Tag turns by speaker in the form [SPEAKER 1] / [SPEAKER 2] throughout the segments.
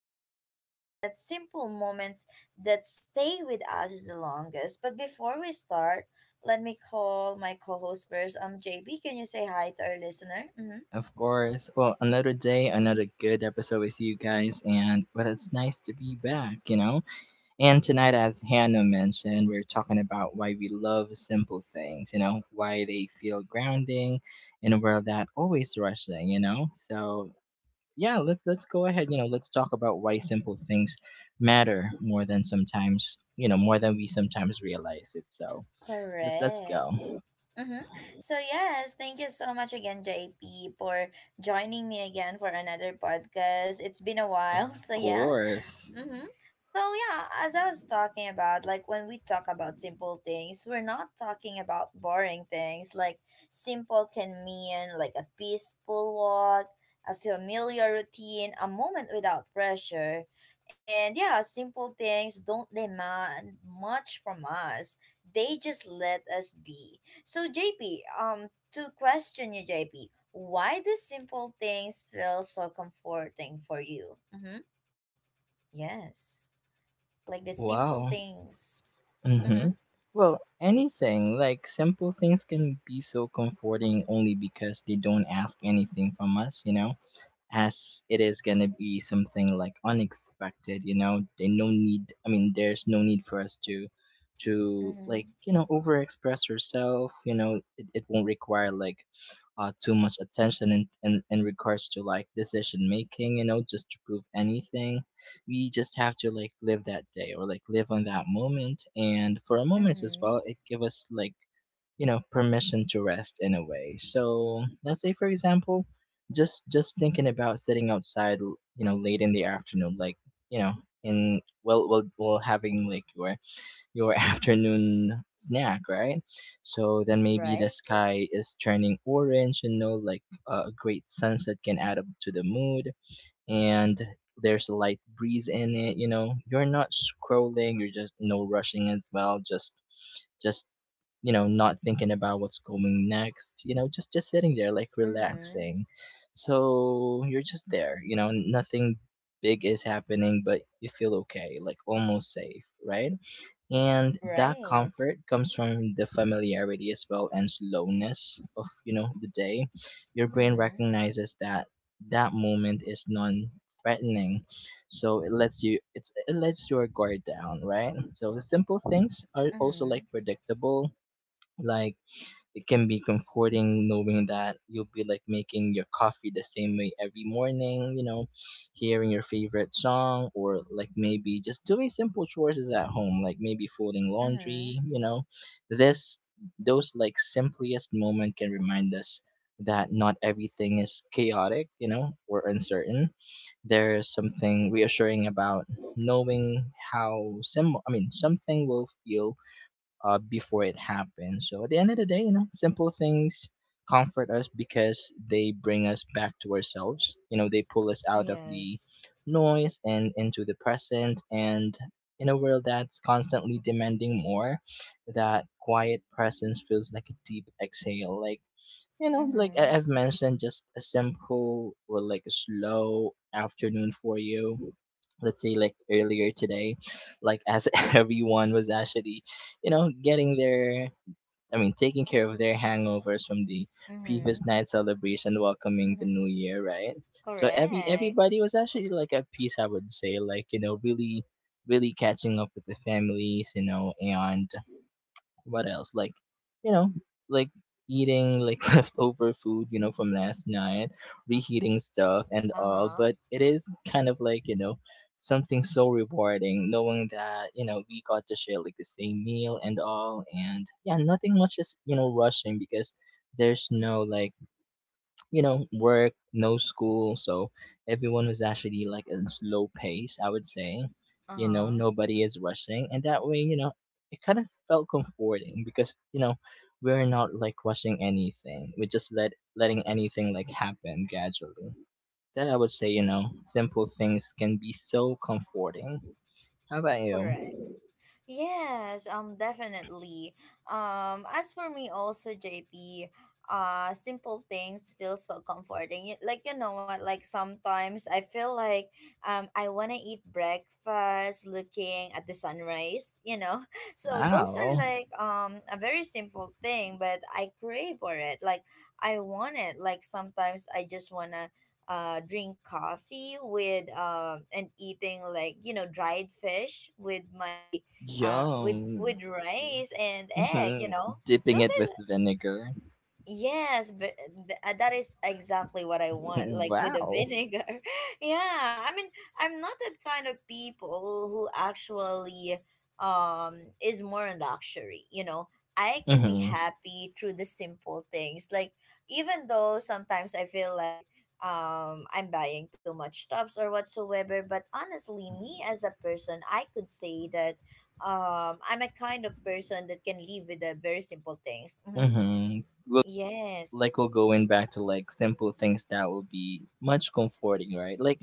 [SPEAKER 1] it's the quiet, simple moments that stay with us the longest. But before we start, let me call my co host first. JP, can you say hi to our listener? Mm-hmm.
[SPEAKER 2] Of course. Well, another day, another good episode with you guys, and well, it's nice to be back. And tonight, as Hannah mentioned, we're talking about why we love simple things, why they feel grounding in a world that always rushing. So yeah, let's go ahead, let's talk about why simple things matter more than sometimes, more than we sometimes realize it. So let's
[SPEAKER 1] Correct.
[SPEAKER 2] go.
[SPEAKER 1] Mm-hmm. So yes, thank you so much again, JP, for joining me again for another podcast. It's been a while,
[SPEAKER 2] Of
[SPEAKER 1] so yeah.
[SPEAKER 2] course.
[SPEAKER 1] Mm-hmm. So yeah, as I was talking about, like when we talk about simple things, we're not talking about boring things. Like simple can mean like a peaceful walk, a familiar routine, a moment without pressure. And yeah, simple things don't demand much from us. They just let us be. So JP, to question you JP, why do simple things feel so comforting for you? Mm-hmm. Yes, like the simple
[SPEAKER 2] Wow.
[SPEAKER 1] things. Mm-hmm.
[SPEAKER 2] Mm-hmm. Well, anything, like simple things can be so comforting only because they don't ask anything from us? As it is going to be something like unexpected. They no need. I mean, there's no need for us to
[SPEAKER 1] Mm-hmm.
[SPEAKER 2] like overexpress yourself. It won't require like too much attention in regards to like decision making, just to prove anything. We just have to like live that day or like live on that moment, and for a moment as
[SPEAKER 1] Mm-hmm.
[SPEAKER 2] well it give us like permission to rest in a way. So let's say for example, just thinking about sitting outside you know late in the afternoon, like you know, in well having like your afternoon snack, right? So then maybe the
[SPEAKER 1] Right.
[SPEAKER 2] sky is turning orange, you know, like a great sunset can add up to the mood. And there's a light breeze in it, you know, you're not scrolling, you're just no rushing as well, just you know not thinking about what's going next, you know, just sitting there like
[SPEAKER 1] Mm-hmm.
[SPEAKER 2] relaxing. So you're just there, you know, nothing big is happening, but you feel okay, like almost safe, right? And that
[SPEAKER 1] Right.
[SPEAKER 2] comfort comes from the familiarity as well and slowness of, you know, the day. Your brain
[SPEAKER 1] Mm-hmm.
[SPEAKER 2] recognizes that that moment is non threatening, so it lets your guard down, right? So the simple things are also like
[SPEAKER 1] Mm-hmm.
[SPEAKER 2] predictable. Like it can be comforting knowing that you'll be like making your coffee the same way every morning, you know, hearing your favorite song, or like maybe just doing simple chores is at home, like maybe folding
[SPEAKER 1] Mm-hmm.
[SPEAKER 2] laundry, you know. This those like simplest moment can remind us that not everything is chaotic, you know, or uncertain. There is something reassuring about knowing how something will feel before it happens. So at the end of the day, you know, simple things comfort us because they bring us back to ourselves. You know, they pull us out of the
[SPEAKER 1] Yes.
[SPEAKER 2] noise and into the present. And in a world that's constantly demanding more, that quiet presence feels like a deep exhale. Like you know, like
[SPEAKER 1] Mm-hmm.
[SPEAKER 2] I've mentioned, just a simple or like a slow afternoon for you. Let's say like earlier today, like as everyone was actually, you know, getting their, I mean, taking care of their hangovers from the previous
[SPEAKER 1] Mm-hmm.
[SPEAKER 2] night celebration, welcoming the new year, right? So
[SPEAKER 1] Correct.
[SPEAKER 2] everybody was actually like at peace, I would say, like you know, really, really catching up with the families, you know, and what else? Like, you know, like eating like leftover food, you know, from last night, reheating stuff and all.
[SPEAKER 1] Uh-huh.
[SPEAKER 2] But it is kind of like, you know, something so rewarding knowing that, you know, we got to share like the same meal and all. And yeah, nothing much is, you know, rushing because there's no like you know, work, no school. So everyone was actually like in slow pace, I would say. You know,
[SPEAKER 1] Uh-huh.
[SPEAKER 2] nobody is rushing. And that way, you know, it kind of felt comforting because, you know, we're not like rushing anything. We're just letting anything like happen gradually. That I would say, you know,
[SPEAKER 1] Mm-hmm.
[SPEAKER 2] simple things can be so comforting. How about
[SPEAKER 1] Correct.
[SPEAKER 2] you?
[SPEAKER 1] Yes, definitely. As for me also, JP, simple things feel so comforting. Like you know what, like sometimes I feel like I wanna eat breakfast looking at the sunrise, you know. So those are
[SPEAKER 2] Wow.
[SPEAKER 1] like a very simple thing, but I crave for it. Like I want it. Like sometimes I just wanna drink coffee with and eating like you know dried fish with my with
[SPEAKER 2] Yum.
[SPEAKER 1] with rice and egg. You
[SPEAKER 2] Mhm.
[SPEAKER 1] know,
[SPEAKER 2] Dipping
[SPEAKER 1] those
[SPEAKER 2] it with
[SPEAKER 1] are —
[SPEAKER 2] vinegar.
[SPEAKER 1] yes, but that is exactly what I want, like with the
[SPEAKER 2] Wow.
[SPEAKER 1] vinegar. Yeah, I mean, I'm not that kind of people who actually is more on luxury, you know. I can be
[SPEAKER 2] Mhm.
[SPEAKER 1] happy through the simple things. Like even though sometimes I feel like I'm buying too much stuffs or whatsoever, but honestly, me as a person, I could say that I'm a kind of person that can live with the very simple things. Mhm.
[SPEAKER 2] Mm-hmm. We'll,
[SPEAKER 1] Yes.
[SPEAKER 2] like we're
[SPEAKER 1] Mhm.
[SPEAKER 2] going back to like simple things that will be much comforting, right? Like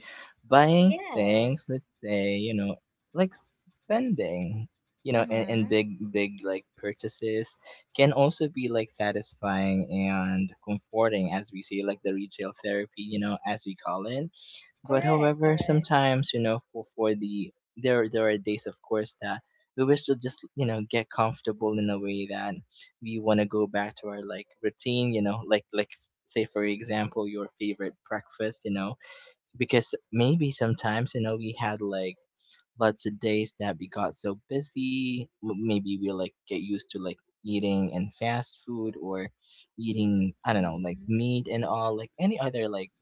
[SPEAKER 2] buying things,
[SPEAKER 1] Yes.
[SPEAKER 2] let's say, you know, like spending, you know, and,
[SPEAKER 1] Mhm.
[SPEAKER 2] big, big like purchases can also be like satisfying and comforting, as we say, like the retail therapy, you know, as we call it. But
[SPEAKER 1] Correct,
[SPEAKER 2] however,
[SPEAKER 1] correct.
[SPEAKER 2] sometimes you know, for there are days, of course, that we wish to just you know get comfortable in a way that we want to go back to our like routine. You know, like say for example, your favorite breakfast. You know, because maybe sometimes you know we had like lots of days that we got so busy. Maybe we like get used to like eating and fast food or eating I don't know like
[SPEAKER 1] Mhm.
[SPEAKER 2] meat and all like any other like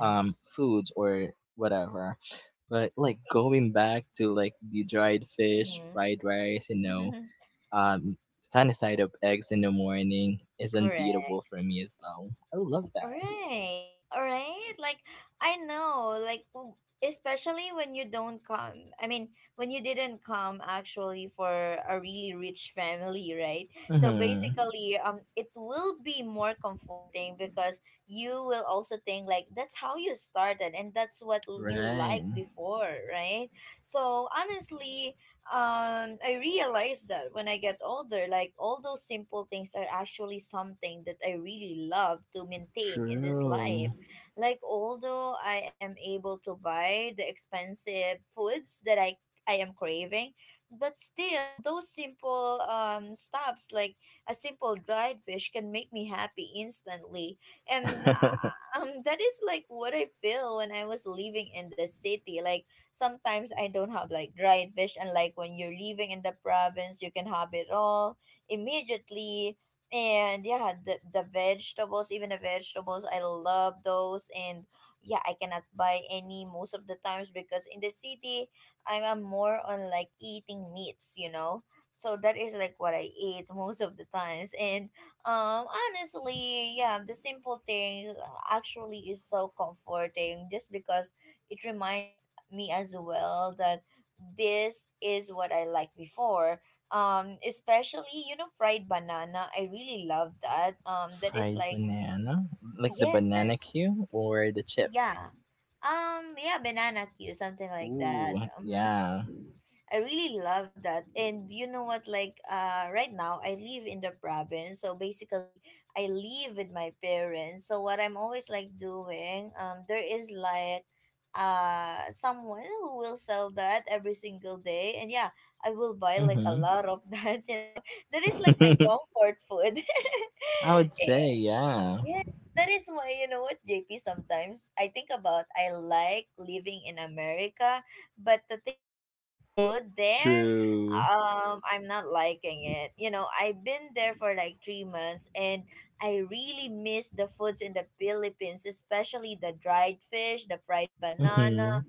[SPEAKER 2] foods or whatever. But like going back to like the dried fish, fried rice, you know,
[SPEAKER 1] Mhm.
[SPEAKER 2] um sunny side up eggs in the morning is unbeatable
[SPEAKER 1] Correct.
[SPEAKER 2] for me as well. I love that.
[SPEAKER 1] Right, right. Like I know, like especially when you don't come. I mean, when you didn't come actually for a really rich family, right? So
[SPEAKER 2] Mm-hmm.
[SPEAKER 1] basically, it will be more comforting because you will also think like that's how you started and that's what you
[SPEAKER 2] Right.
[SPEAKER 1] liked before, right? So honestly, I realized that when I get older, like all those simple things are actually something that I really love to maintain in this life.
[SPEAKER 2] True.
[SPEAKER 1] Like although I am able to buy the expensive foods that I am craving, but still those simple stops like a simple dried fish can make me happy instantly. And that is like what I feel when I was living in the city. Like sometimes I don't have like dried fish, and like when you're living in the province, you can have it all immediately. And yeah, the vegetables, even the vegetables, I love those. And yeah, I cannot buy any most of the times because in the city, I'm more on like eating meats, you know? So that is like what I eat most of the times. And honestly, yeah, the simple thing actually is so comforting just because it reminds me as well that this is what I liked before. Especially, you know, fried banana. I really love that. That is
[SPEAKER 2] Fried
[SPEAKER 1] like,
[SPEAKER 2] banana? Like the banana
[SPEAKER 1] yes,
[SPEAKER 2] cue or the chips?
[SPEAKER 1] yeah. Yeah, banana Q, something like
[SPEAKER 2] Ooh,
[SPEAKER 1] that. Mhm.
[SPEAKER 2] yeah.
[SPEAKER 1] I really love that. And you know what? Like, right now I live in the province, so basically I live with my parents. So what I'm always like doing, there is like, someone who will sell that every single day, and yeah, I will buy like a
[SPEAKER 2] Mm-hmm.
[SPEAKER 1] lot of that. You know, that is like my comfort food.
[SPEAKER 2] I would say, yeah.
[SPEAKER 1] Yes, that is why you know what, JP, sometimes I think about I like living in America, but to think about the food there,
[SPEAKER 2] True.
[SPEAKER 1] I'm not liking it. You know, I've been there for like 3 months and I really miss the foods in the Philippines, especially the dried fish, the fried banana,
[SPEAKER 2] Mm-hmm.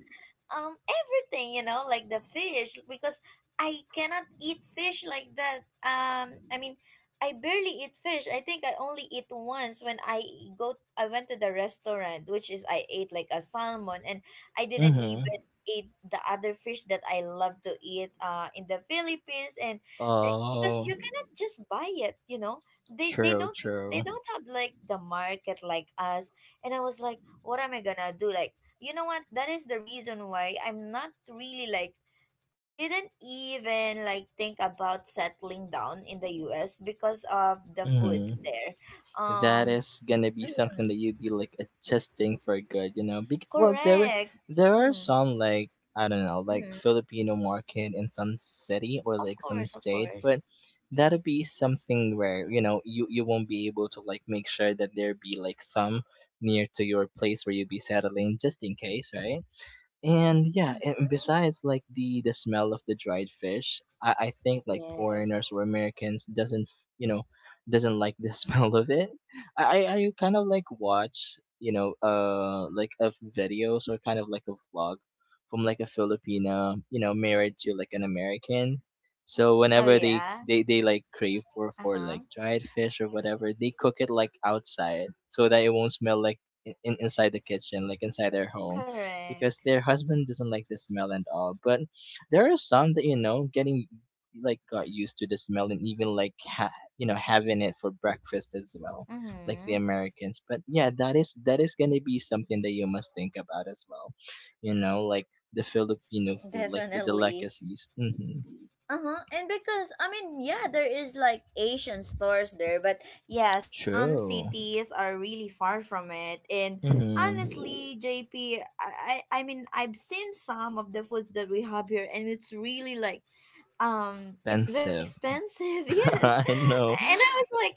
[SPEAKER 1] everything you know like the fish because I cannot eat fish like that, I mean, I barely eat fish. I think I only eat once when I went to the restaurant, which is I ate like a salmon, and I didn't
[SPEAKER 2] Mm-hmm.
[SPEAKER 1] even eat the other fish that I love to eat in the Philippines. And eh, because
[SPEAKER 2] Oh,
[SPEAKER 1] you cannot just buy it, you know, they
[SPEAKER 2] true,
[SPEAKER 1] don't — they
[SPEAKER 2] true.
[SPEAKER 1] don't have like the market like us. And I was like, what am I gonna do? Like, you know what, that is the reason why I'm not really like — I didn't even like think about settling down in the US because of the foods
[SPEAKER 2] Hmm.
[SPEAKER 1] there.
[SPEAKER 2] That
[SPEAKER 1] um
[SPEAKER 2] is gonna be something
[SPEAKER 1] mm,
[SPEAKER 2] that you'd be like adjusting for good, you know. Bec Well,
[SPEAKER 1] correct.
[SPEAKER 2] there are
[SPEAKER 1] mm,
[SPEAKER 2] some like I don't know, like
[SPEAKER 1] mm,
[SPEAKER 2] Filipino market in some city or
[SPEAKER 1] of
[SPEAKER 2] like some
[SPEAKER 1] course, of
[SPEAKER 2] state,
[SPEAKER 1] course.
[SPEAKER 2] but that'll be something where you know you you won't be able to like make sure that there be like some near to your place where you'll be settling, just in case, right? And yeah,
[SPEAKER 1] mm,
[SPEAKER 2] and besides like the smell of the dried fish, I think like foreigners
[SPEAKER 1] yes.
[SPEAKER 2] or Americans doesn't you know doesn't like the smell of it. I kind of like watch you know like of videos or kind of like a vlog from like a Filipina you know married to like an American. So
[SPEAKER 1] Oh
[SPEAKER 2] whenever they
[SPEAKER 1] yeah.
[SPEAKER 2] they they like crave for
[SPEAKER 1] Uh-huh.
[SPEAKER 2] like dried fish or whatever, they cook it like outside so that it won't smell like inside the kitchen like inside their home
[SPEAKER 1] Correct.
[SPEAKER 2] because their husband doesn't like the smell and all. But there are some that you know getting like got used to the smell and even like you know having it for breakfast as well, like the
[SPEAKER 1] Mm-hmm.
[SPEAKER 2] Americans. But yeah, that is gonna be something that you must think about as well. You know, like the Filipino food, like the
[SPEAKER 1] Definitely.
[SPEAKER 2] delicacies. Hmm.
[SPEAKER 1] Uh-huh. And because I mean, yeah, there is like Asian stores there, but yeah, some
[SPEAKER 2] True.
[SPEAKER 1] cities are really far from it. And
[SPEAKER 2] Hmm.
[SPEAKER 1] honestly, JP, I mean, I've seen some of the foods that we have here and it's really like it's very
[SPEAKER 2] Expensive.
[SPEAKER 1] expensive. Yes.
[SPEAKER 2] I know.
[SPEAKER 1] And I was like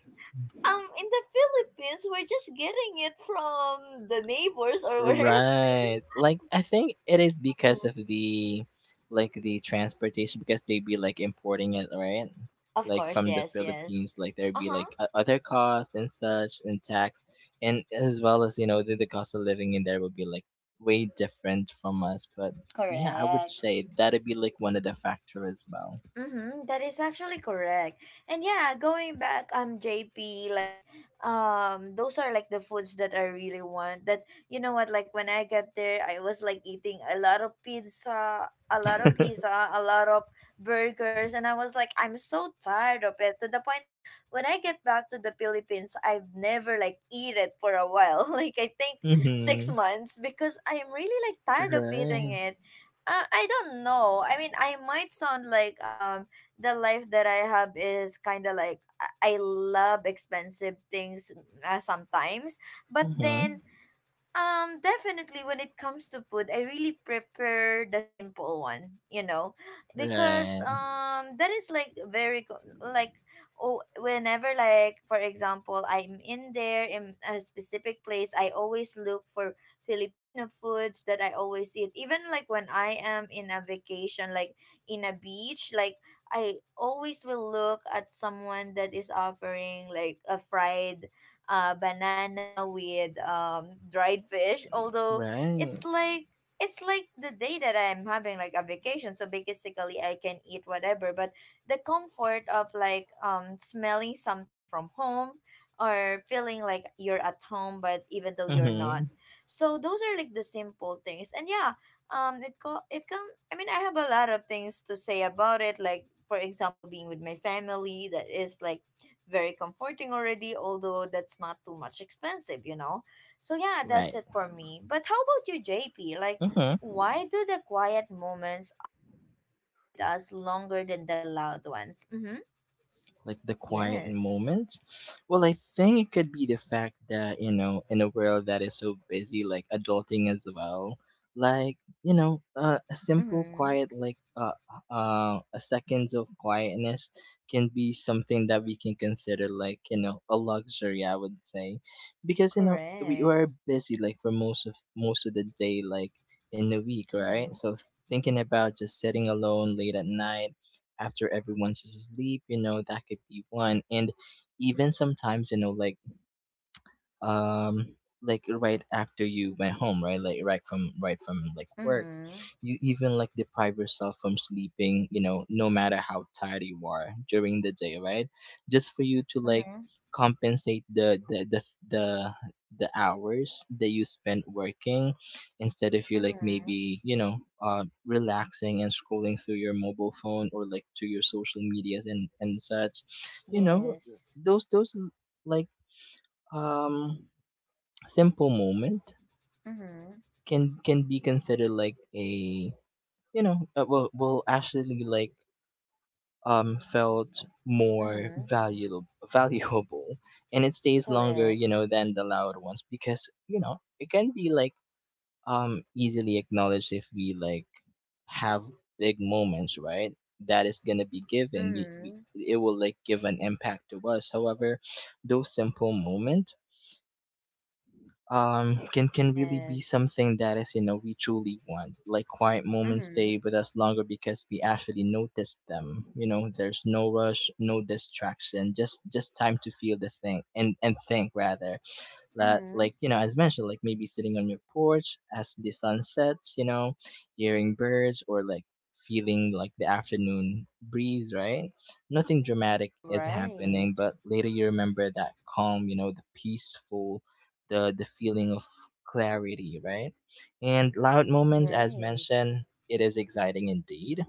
[SPEAKER 1] in the Philippines, we're just getting it from the neighbors or wherever.
[SPEAKER 2] Right. Like I think it is because of the like the transportation because they'd be like importing it, right?
[SPEAKER 1] Of
[SPEAKER 2] Like
[SPEAKER 1] course,
[SPEAKER 2] from the
[SPEAKER 1] yes, yes.
[SPEAKER 2] Philippines, like there'd be
[SPEAKER 1] Uh-huh.
[SPEAKER 2] like other costs and such and tax and as well as, you know, the cost of living in there would be like way different from us. But yeah, I would
[SPEAKER 1] Correct.
[SPEAKER 2] say that'd be like one of the factor as well.
[SPEAKER 1] Mm-hmm, that is actually correct. And yeah, going back, JP, like, those are like the foods that I really want. That you know what, like when I get there, I was like eating a lot of pizza, a lot of pizza, a lot of burgers, and I was like, I'm so tired of it to the point that when I get back to the Philippines, I've never like eat it for a while. Like I think six
[SPEAKER 2] Mm-hmm.
[SPEAKER 1] months because I'm really like tired of eating
[SPEAKER 2] Right.
[SPEAKER 1] it. I don't know. I mean, I might sound like the life that I have is kind of like I love expensive things sometimes, but then
[SPEAKER 2] Hmm.
[SPEAKER 1] definitely when it comes to food, I really prepare the simple one, you know, because
[SPEAKER 2] Right.
[SPEAKER 1] that is like very like oh whenever like for example I'm in there in a specific place, I always look for Filipino foods that I always eat. Even like when I am in a vacation, like in a beach, like I always will look at someone that is offering like a fried banana with dried fish. Although
[SPEAKER 2] Right.
[SPEAKER 1] it's like — it's like the day that I'm having like a vacation, so basically I can eat whatever. But the comfort of like smelling something from home or feeling like you're at home, but even though you're not.
[SPEAKER 2] Hmm.
[SPEAKER 1] So those are like the simple things, and yeah, it come. I mean, I have a lot of things to say about it, like. For example, being with my family, that is like very comforting already, although that's not too much expensive, you know? So, yeah, that's
[SPEAKER 2] Right.
[SPEAKER 1] it for me. But how about you, JP? Like,
[SPEAKER 2] Mhm.
[SPEAKER 1] why do the quiet moments often stay with us longer than the loud ones? Mm-hmm.
[SPEAKER 2] Like the quiet
[SPEAKER 1] Yes.
[SPEAKER 2] moments? Well, I think it could be the fact that, you know, in a world that is so busy, like adulting as well, like, you know, a simple
[SPEAKER 1] Mm-hmm.
[SPEAKER 2] quiet, like a seconds of quietness can be something that we can consider like, you know, a luxury, I would say. Because, you know, we
[SPEAKER 1] Correct.
[SPEAKER 2] are busy like for most of the day, like in the week,
[SPEAKER 1] Mm-hmm.
[SPEAKER 2] right? So thinking about just sitting alone late at night after everyone's asleep, you know, that could be one. And even sometimes, you know, um like right after you went home right like right from like work,
[SPEAKER 1] Mm-hmm.
[SPEAKER 2] you even like deprive yourself from sleeping you know no matter how tired you are during the day right just
[SPEAKER 1] Correct.
[SPEAKER 2] for you to like
[SPEAKER 1] Mm-hmm.
[SPEAKER 2] compensate the, the hours that you spent working instead of you like
[SPEAKER 1] Mm-hmm.
[SPEAKER 2] maybe you know relaxing and scrolling through your mobile phone or like to your social medias and such you know
[SPEAKER 1] Yes.
[SPEAKER 2] those like um simple moment
[SPEAKER 1] Mm-hmm.
[SPEAKER 2] can be considered like a you know will actually like felt more
[SPEAKER 1] Mm-hmm.
[SPEAKER 2] valuable and it stays longer you
[SPEAKER 1] Correct.
[SPEAKER 2] know than the loud ones because you know it can be like easily acknowledged if we like have big moments right that is gonna be given we
[SPEAKER 1] Mm-hmm.
[SPEAKER 2] it will like give an impact to us however those simple moment. Can really be
[SPEAKER 1] Yes.
[SPEAKER 2] something that is, you know, we truly want. Like, quiet moments
[SPEAKER 1] Mm-hmm.
[SPEAKER 2] stay with us longer because we actually notice them. You know, there's no rush, no distraction, just time to feel the thing and think rather that,
[SPEAKER 1] Mm-hmm.
[SPEAKER 2] like, you know, as mentioned, like maybe sitting on your porch as the sun sets, you know, hearing birds, or like feeling like the afternoon breeze, right? Nothing dramatic is happening,
[SPEAKER 1] Right.
[SPEAKER 2] but later you remember that calm, you know, the peaceful, the feeling of clarity, right? And loud moments, as
[SPEAKER 1] Right.
[SPEAKER 2] mentioned, it is exciting indeed,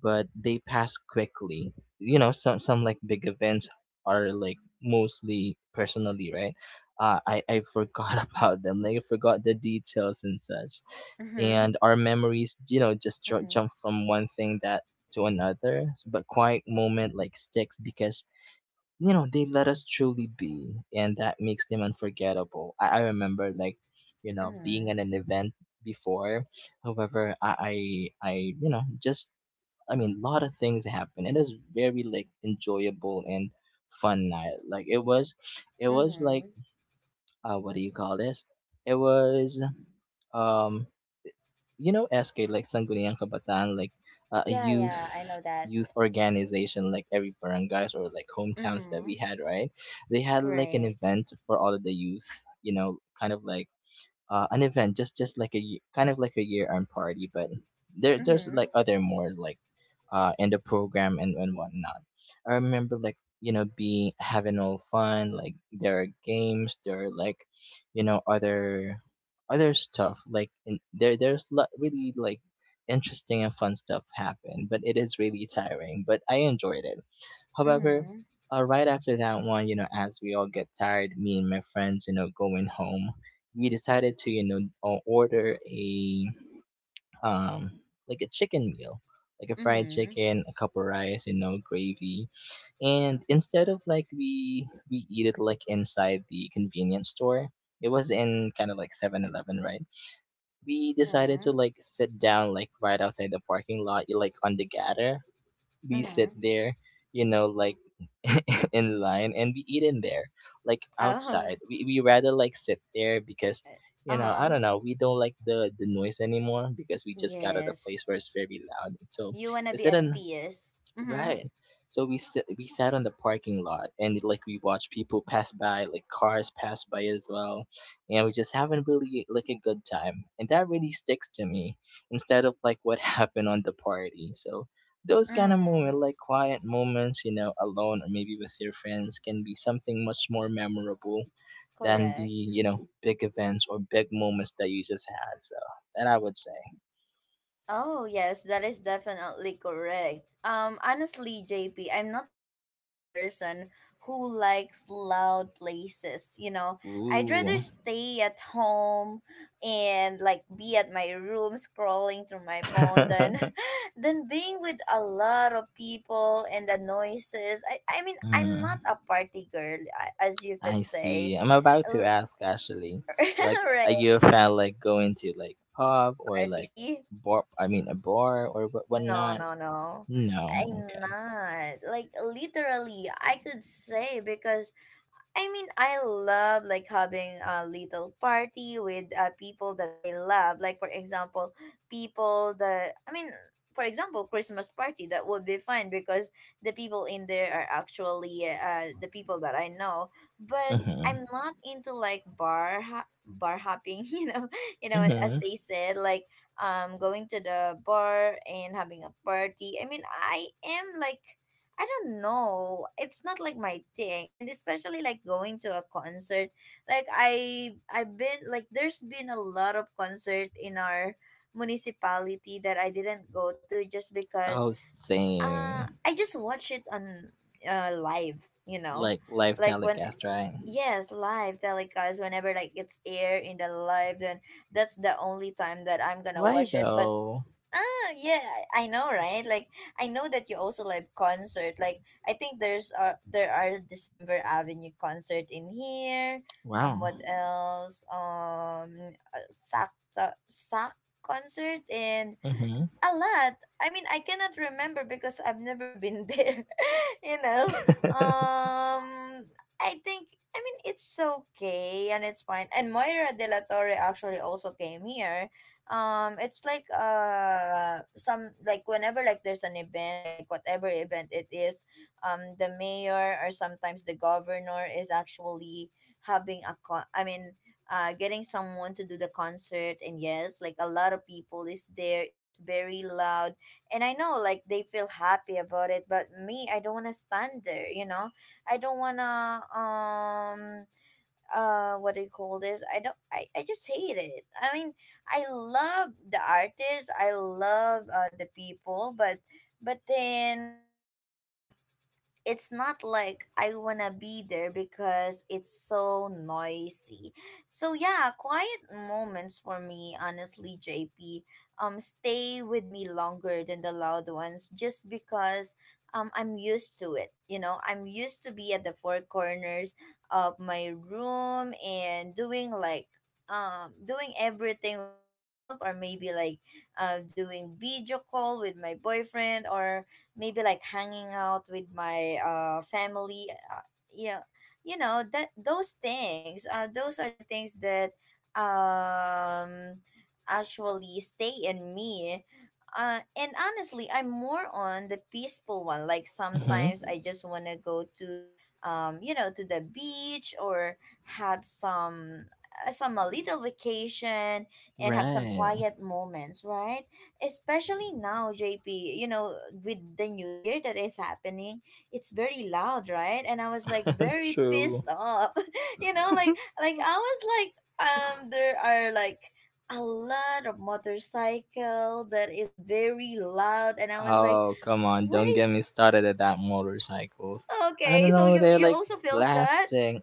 [SPEAKER 2] but they pass quickly. You know, some like big events are like mostly personally, right? I forgot about them. Like, I forgot the details and such,
[SPEAKER 1] Mm-hmm.
[SPEAKER 2] and our memories, you know, just
[SPEAKER 1] Mm-hmm.
[SPEAKER 2] jump from one thing that to another. But quiet moment like sticks because, you know, they let us truly be, and that makes them unforgettable. I remember like, you know, being
[SPEAKER 1] Mm-hmm.
[SPEAKER 2] at an event before. However, I you know, just I mean, a lot of things happen. It is very like enjoyable and fun night. Like it was like,
[SPEAKER 1] Mm-hmm.
[SPEAKER 2] what do you call this? It was, um, you know, SK, like Sangguniang Kabataan, like, a
[SPEAKER 1] Yeah, yeah, I
[SPEAKER 2] youth,
[SPEAKER 1] know that.
[SPEAKER 2] youth organization like every barangays or like hometowns that
[SPEAKER 1] Mm-hmm.
[SPEAKER 2] we had, right? They had like an
[SPEAKER 1] Right.
[SPEAKER 2] event for all of the youth, you know, kind of like, an event, just like a kind of like a year end party, but there's
[SPEAKER 1] Mm-hmm.
[SPEAKER 2] like other more like, in the program and whatnot. I remember, like, you know, being having all fun. Like, there are games, there are like, you know, other other stuff. Like in, there's lot really like interesting and fun stuff happen, but it is really tiring. But I enjoyed it. However,
[SPEAKER 1] Mm-hmm.
[SPEAKER 2] right after that one, you know, as we all get tired, me and my friends, you know, going home, we decided to, you know, order a um like a chicken meal, like a fried
[SPEAKER 1] Mm-hmm.
[SPEAKER 2] chicken, a cup of rice, you know, gravy. And instead of like we eat it like inside the convenience store, it was in kind of like 7-Eleven, right, we decided to
[SPEAKER 1] Mm-hmm.
[SPEAKER 2] like sit down like right outside the parking lot, like on the gutter. We sit
[SPEAKER 1] Mm-hmm.
[SPEAKER 2] there, you know, like in line, and we eat in there, like
[SPEAKER 1] Oh.
[SPEAKER 2] outside. We rather like sit there because, you know, I
[SPEAKER 1] Huh.
[SPEAKER 2] don't know, we don't like the noise anymore because we just got at a
[SPEAKER 1] Yes.
[SPEAKER 2] place where it's very loud. So
[SPEAKER 1] You wanna
[SPEAKER 2] we
[SPEAKER 1] be
[SPEAKER 2] sit
[SPEAKER 1] at
[SPEAKER 2] in.
[SPEAKER 1] peace. Mm-hmm.
[SPEAKER 2] Right. So we sit, we sat on the parking lot, and like we watched people pass by, like cars pass by as well, and we just having really like a good time, and that really sticks to me instead of like what happened on the party. So those kind of
[SPEAKER 1] Mm-hmm.
[SPEAKER 2] moments, like quiet moments, you know, alone or maybe with your friends, can be something much more memorable than the,
[SPEAKER 1] Correct.
[SPEAKER 2] you know, big events or big moments that you just had. So that I would say.
[SPEAKER 1] Oh, yes, that is definitely correct. Honestly, J, am not the kind of person who likes loud places, you know. I'd rather
[SPEAKER 2] Ooh.
[SPEAKER 1] stay at home and like be at my room scrolling through my phone than than being with a lot of people and the noises. I mean, I'm not
[SPEAKER 2] Mm.
[SPEAKER 1] a party girl, as you
[SPEAKER 2] I
[SPEAKER 1] could
[SPEAKER 2] see.
[SPEAKER 1] say.
[SPEAKER 2] I'm about to ask actually. Like, are
[SPEAKER 1] Right,
[SPEAKER 2] you a fan like going to like pub or like
[SPEAKER 1] party.
[SPEAKER 2] bar? I mean, a bar or
[SPEAKER 1] No,
[SPEAKER 2] whatnot?
[SPEAKER 1] no, no. I'm
[SPEAKER 2] No. Okay.
[SPEAKER 1] not. Like literally, I could say because I mean, I love like having a little party with people that I love. Like for example, people that I mean, for example, Christmas party that would be fun because the people in there are actually the people that I know. But
[SPEAKER 2] Mhm.
[SPEAKER 1] I'm not into like bar hopping. You know as
[SPEAKER 2] Mhm.
[SPEAKER 1] they said, like going to the bar and having a party. I mean, I am like I don't know. It's not like my thing, and especially like going to a concert. Like I've been like there's been a lot of concert in our municipality that I didn't go to just because
[SPEAKER 2] Oh, same.
[SPEAKER 1] I just watch it on live. You know,
[SPEAKER 2] Like live
[SPEAKER 1] like when,
[SPEAKER 2] telecast, right?
[SPEAKER 1] yes, live telecast whenever like it's air in the live, then that's the only time that I'm gonna
[SPEAKER 2] Why
[SPEAKER 1] watch it, but
[SPEAKER 2] though?
[SPEAKER 1] Ah, yeah, I know, right? Like, I know that you also like concert. Like, I think there are December Avenue concert in here. Um,
[SPEAKER 2] Wow.
[SPEAKER 1] what else? Sack concert in
[SPEAKER 2] Mhm.
[SPEAKER 1] a lot. I mean, I cannot remember because I've never been there. you know. Um I think, I mean, it's okay and it's fine. And Moira de la Torre actually also came here. It's like some, like, whenever like there's an event, like whatever event it is, the mayor or sometimes the governor is actually having a con- I mean getting someone to do the concert, and, yes, like a lot of people is there, it's very loud, and I know like they feel happy about it, but me, I don't want to stand there, you know, I don't want to, um what do you call this, I don't I just hate it, I mean, I love the artists, I love the people, but then it's not like I wanna be there because it's so noisy. So yeah, quiet moments for me, honestly, JP, stay with me longer than the loud ones just because I'm used to it. You know, I'm used to be at the four corners of my room and doing like, doing everything with myself, or maybe like doing video call with my boyfriend, or maybe like hanging out with my family, yeah, you know that those things, those are the things that um actually stay in me. And honestly, I'm more on the peaceful one. Like
[SPEAKER 2] Mhm.
[SPEAKER 1] sometimes I just want to go to the beach, or have some a little vacation, and have some
[SPEAKER 2] Right.
[SPEAKER 1] quiet moments, right? Especially now, JP, you know, with the new year that is happening, it's very loud, right? And I was like very
[SPEAKER 2] True.
[SPEAKER 1] pissed off. Like I was like, there are like a lot of motorcycle that is very loud, and I was like,
[SPEAKER 2] Oh, come on.
[SPEAKER 1] what
[SPEAKER 2] Don't get me
[SPEAKER 1] is
[SPEAKER 2] started at that motorcycles. I don't
[SPEAKER 1] okay, so
[SPEAKER 2] know.
[SPEAKER 1] you
[SPEAKER 2] They're
[SPEAKER 1] you
[SPEAKER 2] like
[SPEAKER 1] also felt that?
[SPEAKER 2] blasting.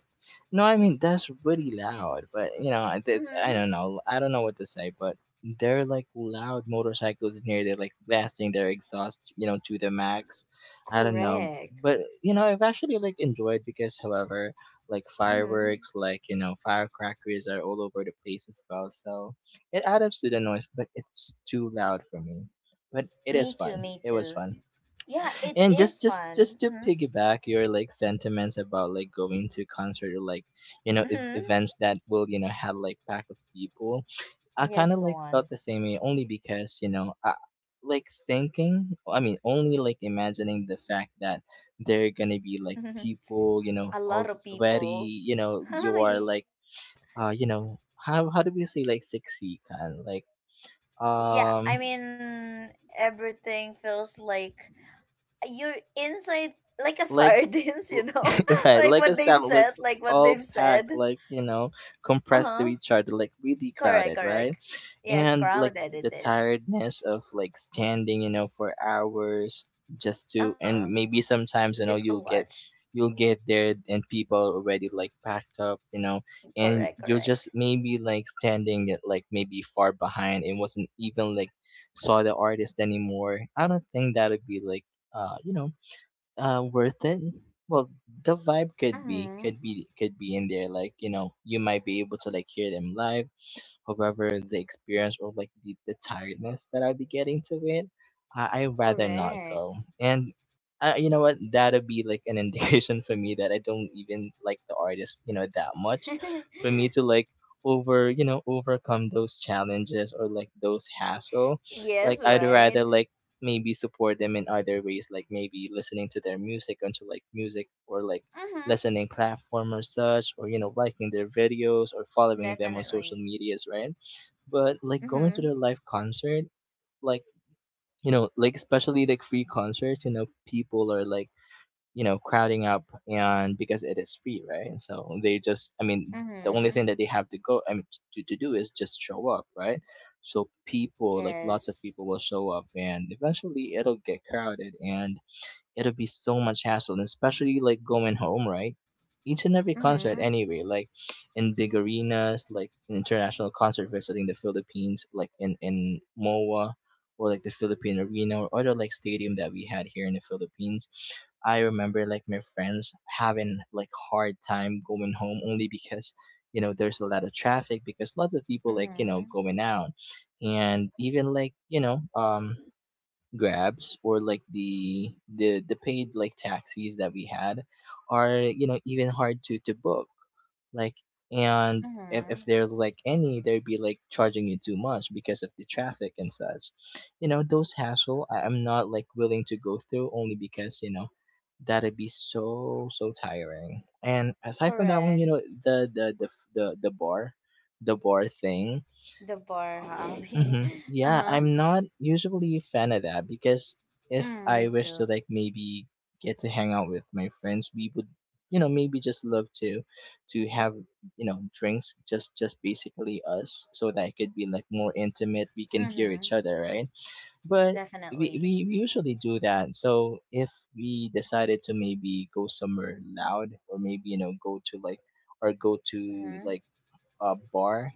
[SPEAKER 2] No, I mean, that's really loud. But, you know, I, I
[SPEAKER 1] Mhm.
[SPEAKER 2] don't know. I don't know what to say. But they're like loud motorcycles in here. They're like blasting their exhaust, you know, to the max. I don't know.
[SPEAKER 1] Correct.
[SPEAKER 2] But, you know, I've actually like enjoyed because, however, like
[SPEAKER 1] Mhm.
[SPEAKER 2] fireworks, like, you know, firecrackers are all over the place as well. So it adds to the noise, but it's too loud for me, but it
[SPEAKER 1] Me
[SPEAKER 2] is
[SPEAKER 1] too,
[SPEAKER 2] fun.
[SPEAKER 1] me
[SPEAKER 2] It was
[SPEAKER 1] too.
[SPEAKER 2] fun.
[SPEAKER 1] Yeah, it
[SPEAKER 2] And
[SPEAKER 1] is
[SPEAKER 2] just just
[SPEAKER 1] fun.
[SPEAKER 2] just to
[SPEAKER 1] Mhm.
[SPEAKER 2] piggyback your like sentiments about like going to concert or like, you know,
[SPEAKER 1] Mhm.
[SPEAKER 2] events that will, you know, have like pack of people. I kind
[SPEAKER 1] Yes,
[SPEAKER 2] of
[SPEAKER 1] go
[SPEAKER 2] like
[SPEAKER 1] on.
[SPEAKER 2] felt the same way only because, you know, I like thinking. I mean, only like imagining the fact that there are gonna be like people, you know,
[SPEAKER 1] A
[SPEAKER 2] all
[SPEAKER 1] lot of
[SPEAKER 2] sweaty.
[SPEAKER 1] people.
[SPEAKER 2] You know, you are like,
[SPEAKER 1] Yes.
[SPEAKER 2] you know, how do we say like sexy kind like,
[SPEAKER 1] Yeah,
[SPEAKER 2] um
[SPEAKER 1] I mean, everything feels like you're inside like a
[SPEAKER 2] like
[SPEAKER 1] sardines, you know?
[SPEAKER 2] right,
[SPEAKER 1] like
[SPEAKER 2] like a
[SPEAKER 1] what they've
[SPEAKER 2] sound like
[SPEAKER 1] said, like what
[SPEAKER 2] all
[SPEAKER 1] they've
[SPEAKER 2] packed,
[SPEAKER 1] said.
[SPEAKER 2] like, you know,
[SPEAKER 1] Uh
[SPEAKER 2] compressed to
[SPEAKER 1] huh.
[SPEAKER 2] each other, like really
[SPEAKER 1] Correct,
[SPEAKER 2] crowded, right?
[SPEAKER 1] correct. Yes,
[SPEAKER 2] And like
[SPEAKER 1] crowded
[SPEAKER 2] th-
[SPEAKER 1] it
[SPEAKER 2] the
[SPEAKER 1] is.
[SPEAKER 2] tiredness of like standing, you know, for hours just
[SPEAKER 1] Uh
[SPEAKER 2] to, and
[SPEAKER 1] huh.
[SPEAKER 2] maybe sometimes, you know,
[SPEAKER 1] Just to watch.
[SPEAKER 2] you'll get there and people already like packed up, you know, and
[SPEAKER 1] Correct,
[SPEAKER 2] you're just
[SPEAKER 1] correct.
[SPEAKER 2] maybe like standing at, like maybe far behind, and wasn't even like saw the artist anymore. I don't think that would be like, you know, worth it. Well, the vibe
[SPEAKER 1] Mm
[SPEAKER 2] could be,
[SPEAKER 1] hmm.
[SPEAKER 2] could be in there, like, you know, you might be able to like hear them live. However, the experience or like the tiredness that I would be getting to it, I'd rather not go.
[SPEAKER 1] Correct.
[SPEAKER 2] And, you know what? That would be like an indication for me that I don't even like the artist, you know, that much. For me to like over, you know, overcome those challenges or like those hassle, like
[SPEAKER 1] Yes,
[SPEAKER 2] I'd rather
[SPEAKER 1] right?
[SPEAKER 2] like maybe support them in other ways, like maybe listening to their music onto like music or like
[SPEAKER 1] Mm hmm.
[SPEAKER 2] listening platform or such, or, you know, liking their videos or following them on social
[SPEAKER 1] Definitely.
[SPEAKER 2] medias, right? But like
[SPEAKER 1] Mm
[SPEAKER 2] going to
[SPEAKER 1] hmm.
[SPEAKER 2] their live concert, like, you know, like especially like free concerts, you know, people are like, you know, crowding up and because it is free, right, so they just, I mean,
[SPEAKER 1] Mm
[SPEAKER 2] the only
[SPEAKER 1] hmm.
[SPEAKER 2] thing that they have to go, I mean, to do is just show up, right? So people, like lots of
[SPEAKER 1] Yes.
[SPEAKER 2] people will show up, and eventually it'll get crowded, and it'll be so much hassle, and especially like going home, right? Each and every concert,
[SPEAKER 1] Mm-hmm.
[SPEAKER 2] anyway, like in big arenas, like an international concert visiting the Philippines, like in MOA or like the Philippine arena or other like stadium that we had here in the Philippines. I remember like my friends having like hard time going home only because, you know, there's a lot of traffic because lots of people like, you
[SPEAKER 1] Mm-hmm.
[SPEAKER 2] know, going out. And even like, you know, grabs or like the paid like taxis that we had are, you know, even hard to book, like. And if,
[SPEAKER 1] Mm-hmm.
[SPEAKER 2] if there's like any, they'd be like charging you too much because of the traffic and such, you know. Those hassle I'm not like willing to go through only because, you know, that'd be so so tiring. And aside from that one, you
[SPEAKER 1] Correct.
[SPEAKER 2] know, the the the bar, the bar thing.
[SPEAKER 1] The bar hobby.
[SPEAKER 2] Hmm. Yeah,
[SPEAKER 1] Uh-huh.
[SPEAKER 2] I'm not usually a fan of that because if
[SPEAKER 1] Mm,
[SPEAKER 2] I
[SPEAKER 1] me
[SPEAKER 2] wish to
[SPEAKER 1] too.
[SPEAKER 2] like maybe get to hang out with my friends, we would, you know, maybe just love to have, you know, drinks, just basically us, so that it could be like more intimate, we can hear
[SPEAKER 1] Mm-hmm.
[SPEAKER 2] each other, right? But we, we
[SPEAKER 1] Definitely.
[SPEAKER 2] we usually do that. So if we decided to maybe go somewhere loud or maybe, you know, go to like or go to
[SPEAKER 1] Mm-hmm.
[SPEAKER 2] like a bar,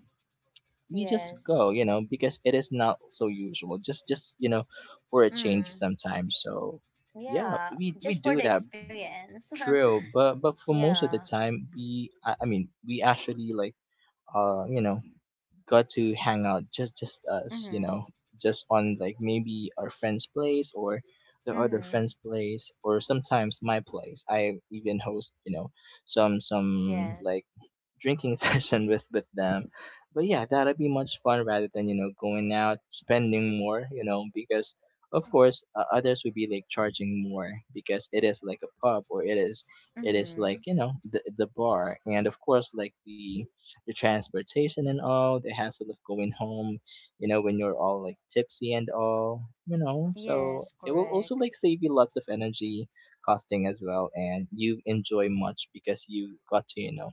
[SPEAKER 2] we just
[SPEAKER 1] Yes.
[SPEAKER 2] go, you know, because it is not so usual. Just, you know, for a change
[SPEAKER 1] Mm.
[SPEAKER 2] sometimes. So yeah,
[SPEAKER 1] Yeah.
[SPEAKER 2] we
[SPEAKER 1] Just for
[SPEAKER 2] do
[SPEAKER 1] the
[SPEAKER 2] that.
[SPEAKER 1] experience.
[SPEAKER 2] True. But for most of the
[SPEAKER 1] Yeah.
[SPEAKER 2] time we I mean we actually like, you know, got to hang out just us, you
[SPEAKER 1] Mm-hmm.
[SPEAKER 2] know, just on like maybe our friend's place or the other
[SPEAKER 1] Mm-hmm.
[SPEAKER 2] friend's place or sometimes my place. I even host, you know, some
[SPEAKER 1] Yes.
[SPEAKER 2] like drinking session with them. But yeah, that'd be much fun rather than, you know, going out spending more, you know, because of course, others would be like charging more because it is like a pub or it is, it is like,
[SPEAKER 1] Mm-hmm.
[SPEAKER 2] you know, the bar. And of course like the transportation and all the hassle of going home, you know, when you're all like tipsy and all, you know. So
[SPEAKER 1] Yes,
[SPEAKER 2] it will also
[SPEAKER 1] correct.
[SPEAKER 2] like save you lots of energy costing as well, and you enjoy much because you got to, you know,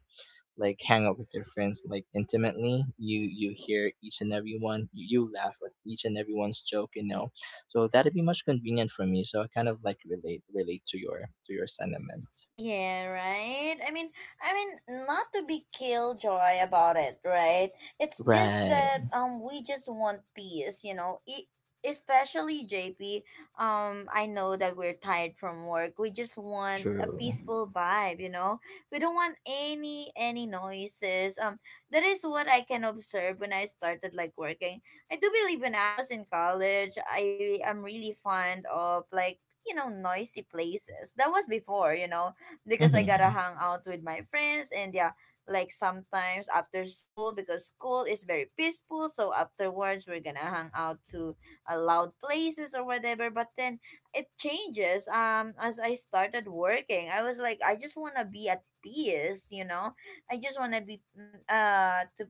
[SPEAKER 2] like hang out with your friends like intimately, you hear each and every one, you laugh at each and everyone's joke, you know. So that'd be much convenient for me. So I kind of like relate to your sentiment.
[SPEAKER 1] Yeah, right. I mean, not to be killjoy about it, right? It's just
[SPEAKER 2] Right.
[SPEAKER 1] that we just want peace, you know. Especially JP. I know that we're tired from work. We just want a
[SPEAKER 2] True.
[SPEAKER 1] peaceful vibe, you know. We don't want any noises. That is what I can observe when I started like working. I do believe when I was in college, I am really fond of, like, noisy places, that was before, because I gotta
[SPEAKER 2] Mm-hmm.
[SPEAKER 1] hang out with my friends, and yeah, like sometimes after school, because school is very peaceful, so afterwards we're gonna hang out to a loud places or whatever. But then it changes. As I started working, I was like, I just wanna be at peace, you know. I just wanna be, to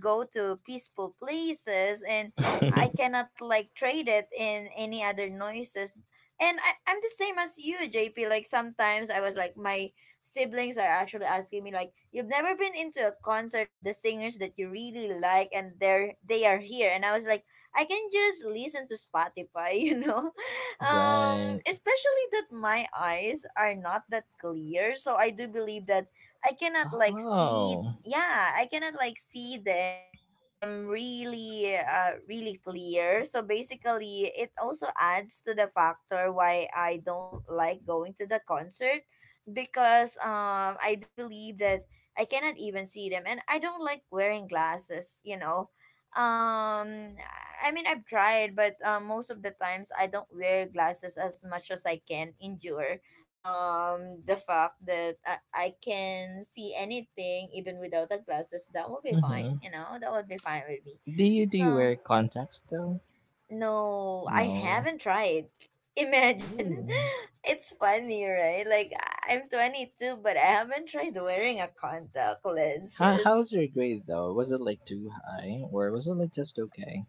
[SPEAKER 1] go to peaceful places, and I cannot like trade it in any other noises, and I'm the same as you, JP. Like sometimes I was like, my siblings are actually asking me like, you've never been into a concert of the singers that you really like, and they are here. And I was like, I can just listen to Spotify, you know. Um,
[SPEAKER 2] Right.
[SPEAKER 1] especially that my eyes are not that clear, so I do believe that I cannot like see.
[SPEAKER 2] Oh.
[SPEAKER 1] Yeah, I cannot like see them, really clear, so basically it also adds to the factor why I don't like going to the concert, because I do believe that I cannot even see them, and I don't like wearing glasses, you know. um I mean, I've tried, but most of the times I don't wear glasses as much as I can endure, the fact that I can see anything even without the glasses, that would be fine,
[SPEAKER 2] mm-hmm.
[SPEAKER 1] that would be fine with me.
[SPEAKER 2] Do you
[SPEAKER 1] So,
[SPEAKER 2] wear contacts though?
[SPEAKER 1] no, I
[SPEAKER 2] No.
[SPEAKER 1] haven't tried. Imagine.
[SPEAKER 2] Ooh.
[SPEAKER 1] It's funny, right? Like, I'm 22, but I haven't tried wearing a contact
[SPEAKER 2] How,
[SPEAKER 1] lenses.
[SPEAKER 2] how's your grade though? Was it like too high or was it like just okay?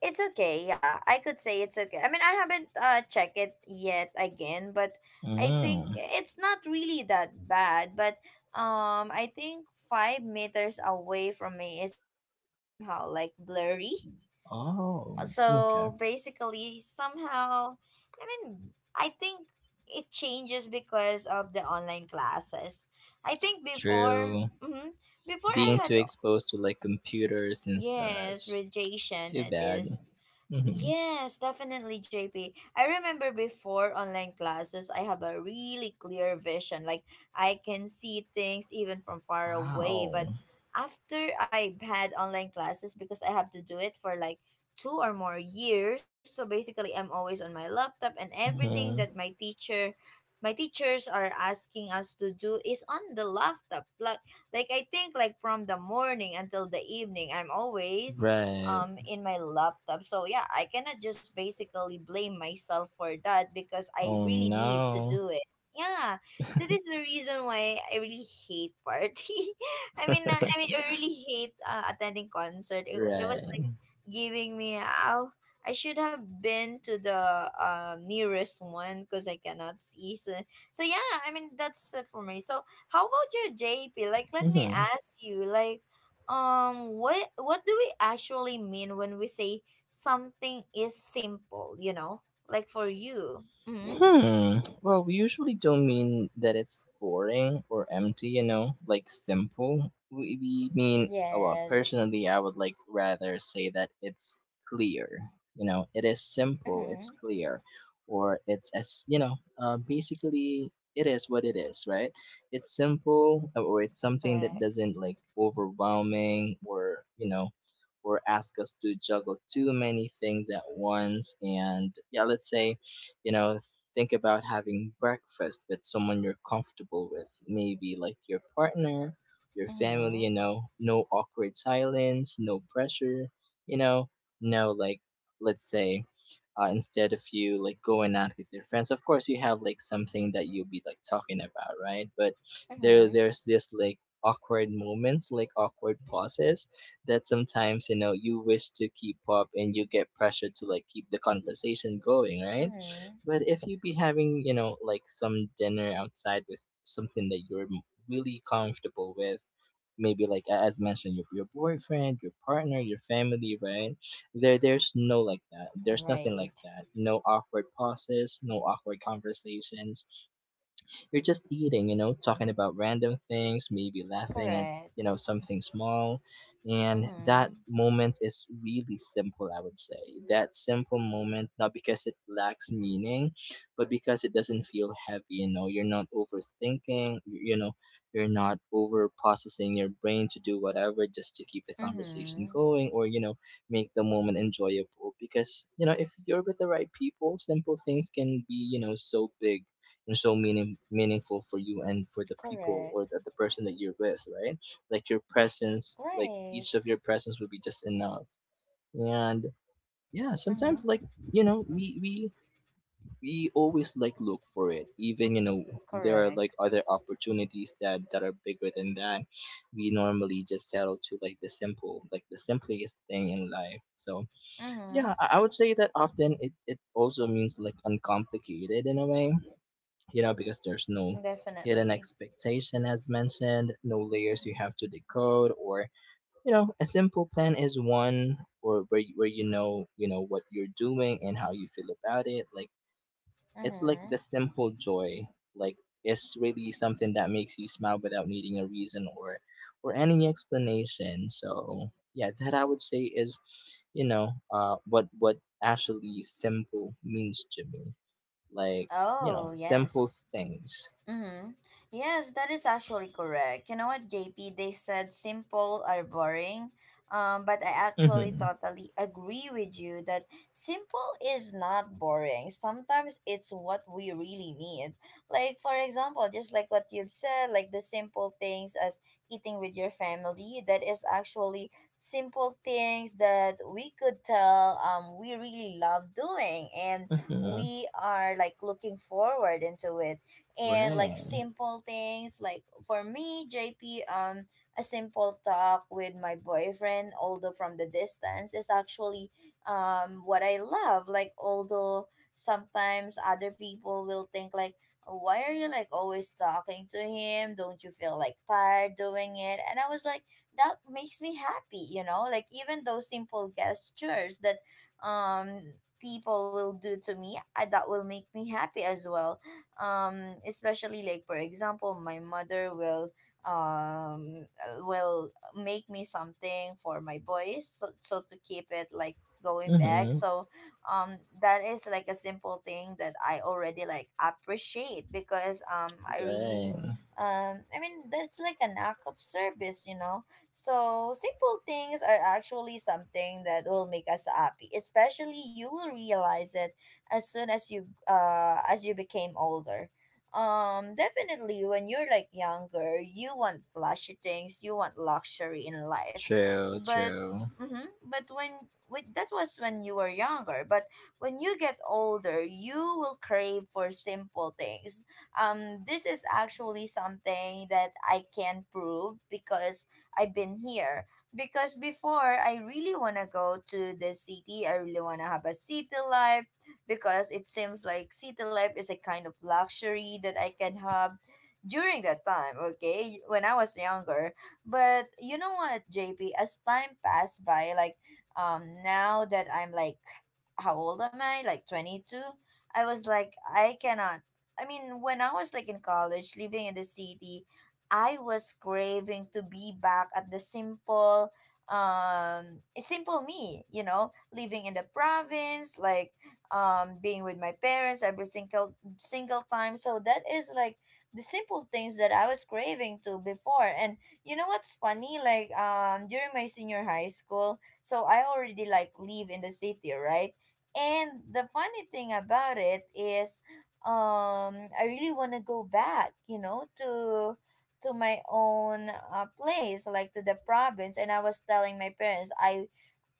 [SPEAKER 1] It's okay, yeah. I could say it's okay. I mean, I haven't checked it yet again, but I think
[SPEAKER 2] Mm.
[SPEAKER 1] it's not really that bad. But I think 5 meters away from me is actually somehow like blurry.
[SPEAKER 2] Oh, okay.
[SPEAKER 1] So basically, somehow, I mean, I think it changes because of the online classes. I think before,
[SPEAKER 2] True.
[SPEAKER 1] mm-hmm, before
[SPEAKER 2] Being
[SPEAKER 1] I
[SPEAKER 2] too
[SPEAKER 1] had,
[SPEAKER 2] exposed to like computers and
[SPEAKER 1] yes,
[SPEAKER 2] such.
[SPEAKER 1] radiation.
[SPEAKER 2] Too
[SPEAKER 1] It
[SPEAKER 2] bad.
[SPEAKER 1] is
[SPEAKER 2] Hmm.
[SPEAKER 1] Yes, definitely, J P. I remember before online classes, I have a really clear vision. Like, I can see things even from far away. But
[SPEAKER 2] Wow.
[SPEAKER 1] after I've had online classes, because I have to do it for like 2 or more years, so basically, I'm always on my laptop, and everything that
[SPEAKER 2] Hmm.
[SPEAKER 1] my teachers are asking us to do is on the laptop, like I think, like, from the morning until the evening I'm always
[SPEAKER 2] Right.
[SPEAKER 1] in my laptop. So yeah, I cannot just basically blame myself for that because I
[SPEAKER 2] Oh
[SPEAKER 1] really need to
[SPEAKER 2] no.
[SPEAKER 1] do it. Yeah, that is the reason why I really hate party. I mean, I really hate attending concert. It was like
[SPEAKER 2] Right.
[SPEAKER 1] giving me ow. I should have been to the nearest one because I cannot see. So yeah, I mean that's it for me. So how about you, JP? Like, let me
[SPEAKER 2] Hmm.
[SPEAKER 1] ask you, like what do we actually mean when we say something is simple, like for you. Mm-hmm.
[SPEAKER 2] Hmm. Well, we usually don't mean that it's boring or empty, you know, like simple. We mean, oh, well,
[SPEAKER 1] Yes.
[SPEAKER 2] personally, I would like rather say that it's clear. You know, it is simple, it's
[SPEAKER 1] Mm-hmm.
[SPEAKER 2] clear, or it's as, you know, basically, it is what it is, right? It's simple, or it's something that
[SPEAKER 1] Correct.
[SPEAKER 2] doesn't like overwhelming or, you know, or ask us to juggle too many things at once. And yeah, let's say you know think about having breakfast with someone you're comfortable with, maybe like your partner, your family,
[SPEAKER 1] Mm-hmm.
[SPEAKER 2] you know, no awkward silence, no pressure, you know, no like, let's say, instead of you like going out with your friends, of course you have like something that you'll be like talking about, right? But there
[SPEAKER 1] Mm-hmm.
[SPEAKER 2] there's this like awkward moments, like awkward pauses that sometimes you know you wish to keep up, and you get pressure to like keep the conversation going, right?
[SPEAKER 1] Mm-hmm.
[SPEAKER 2] But if you be having, you know, like some dinner outside with something that you're really comfortable with, maybe like as mentioned, your boyfriend, your partner, your family, right? There's no like that. There's nothing like
[SPEAKER 1] Right.
[SPEAKER 2] that. No awkward pauses, no awkward conversations. You're just eating, you know, talking about random things, maybe laughing at, you
[SPEAKER 1] Correct.
[SPEAKER 2] know, something small. And that
[SPEAKER 1] Mm-hmm.
[SPEAKER 2] moment is really simple, I would say. That simple moment, not because it lacks meaning, but because it doesn't feel heavy, you know, you're not overthinking, you know, you're not over processing your brain to do whatever just to keep the conversation
[SPEAKER 1] Mm-hmm.
[SPEAKER 2] going, or, you know, make the moment enjoyable. Because you know if you're with the right people, simple things can be, you know, so big and so meaningful for you and for the people
[SPEAKER 1] Correct.
[SPEAKER 2] or the person that you're with, right? Like your presence, like each
[SPEAKER 1] Right.
[SPEAKER 2] of your presence would be just enough. And yeah, sometimes
[SPEAKER 1] Mm-hmm.
[SPEAKER 2] like, you know, we always like look for it, even, you know, there are like
[SPEAKER 1] Correct.
[SPEAKER 2] other opportunities that are bigger than that. We normally just settle to like the simple, like the simplest thing in life. So
[SPEAKER 1] Mm-hmm.
[SPEAKER 2] yeah, I would say that often it also means like uncomplicated in a way, you know, because there's no hidden
[SPEAKER 1] Definitely.
[SPEAKER 2] expectation, as mentioned, no layers you have to decode, or, you know, a simple plan is one or where where you know what you're doing and how you feel about it. Like it's like
[SPEAKER 1] Mm-hmm.
[SPEAKER 2] the simple joy. Like it's really something that makes you smile without needing a reason or any explanation. So yeah, that I would say is, you know, what actually simple means to me. Like, you know,
[SPEAKER 1] Oh,
[SPEAKER 2] simple
[SPEAKER 1] yes.
[SPEAKER 2] things.
[SPEAKER 1] Mm-hmm. Yes, that is actually correct. You know what, JP? They said simple are boring, but I actually
[SPEAKER 2] Mhm,
[SPEAKER 1] totally agree with you that simple is not boring. Sometimes it's what we really need. Like, for example, just like what you've said, like the simple things as eating with your family, that is actually simple things that we could tell, we really love doing, and
[SPEAKER 2] mhm.
[SPEAKER 1] we are like looking forward into it, and, like,
[SPEAKER 2] Right.
[SPEAKER 1] simple things like for me, JP, a simple talk with my boyfriend, although from the distance, is actually what I love, like although sometimes other people will think, like, why are you like always talking to him, don't you feel like tired doing it, and I was like, that makes me happy, you know, like even those simple gestures that um people will do to me, that will make me happy as well. Especially, like, for example, my mother will make me something for my boys, so to keep it like going back,
[SPEAKER 2] Mhm.
[SPEAKER 1] so that is like a simple thing that I already like appreciate, because i really
[SPEAKER 2] Right.
[SPEAKER 1] um i mean that's like an act of service, you know. So simple things are actually something that will make us happy, especially you will realize it as soon as you became older. Definitely, when you're like younger, you want flashy things, you want luxury in life,
[SPEAKER 2] True,
[SPEAKER 1] but
[SPEAKER 2] true.
[SPEAKER 1] mm-hmm, but when with that was when you were younger, but when you get older you will crave for simple things. This is actually something that I can prove, because I've been here, because before I really want to go to the city, I really want to have a city life, because it seems like city life is a kind of luxury that I can have during that time, okay, when I was younger. But you know what, JP, as time passed by, like, now that I'm like, how old am I? Like 22. I was like, I cannot. I mean, when I was like in college, living in the city, I was craving to be back at the simple, simple me, living in the province, like, being with my parents every single, single time. So that is like the simple things that I was craving to before. And you know what's funny? Like, during my senior high school, so I already like live in the city, right? And the funny thing about it is, I really want to go back, you know, to my own place, like to the province. And I was telling my parents, I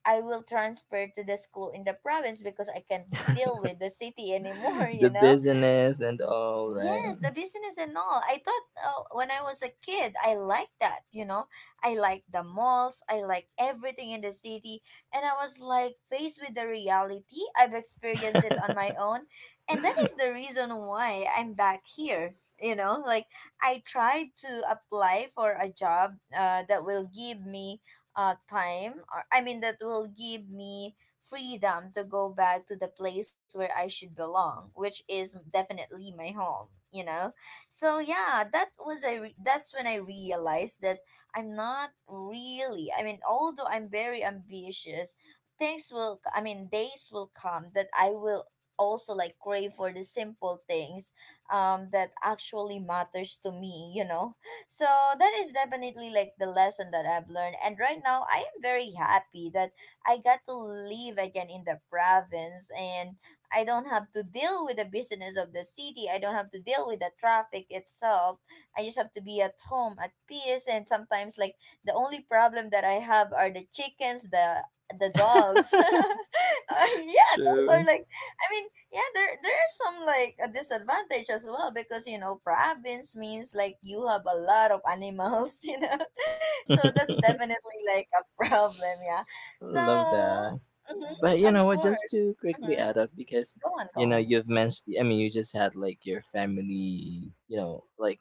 [SPEAKER 1] I will transfer to the school in the province because I can't deal with the city anymore, you
[SPEAKER 2] The
[SPEAKER 1] know.
[SPEAKER 2] business and all, right?
[SPEAKER 1] Yes, the business and all. I thought when I was a kid, I liked that, you know. I like the malls, I like everything in the city, and I was like faced with the reality. I've experienced it on my own, and that is the reason why I'm back here. You know, like I tried to apply for a job that will give me time or I mean that will give me freedom to go back to the place where I should belong, which is definitely my home, you know? So yeah, that's when I realized that I'm not really, I mean, although I'm very ambitious, things will, I mean, days will come that I will also like crave for the simple things that actually matters to me, you know so that is definitely like the lesson that I've learned, and right now I am very happy that I got to live again in the province, and I don't have to deal with the business of the city. I don't have to deal with the traffic itself. I just have to be at home at peace. And sometimes like the only problem that I have are the chickens, the dogs. Yeah, those are
[SPEAKER 2] True.
[SPEAKER 1] like I mean, yeah, there are some like a disadvantage as well, because you know, province means like you have a lot of animals, you know, so that's definitely like a problem. Yeah, so,
[SPEAKER 2] Love that.
[SPEAKER 1] mhm,
[SPEAKER 2] But you
[SPEAKER 1] of
[SPEAKER 2] know what? Just
[SPEAKER 1] course.
[SPEAKER 2] to quickly
[SPEAKER 1] Mhm.
[SPEAKER 2] add up, because
[SPEAKER 1] Go on, go
[SPEAKER 2] you know
[SPEAKER 1] on.
[SPEAKER 2] you've mentioned, I mean, you just had like your family, you know, like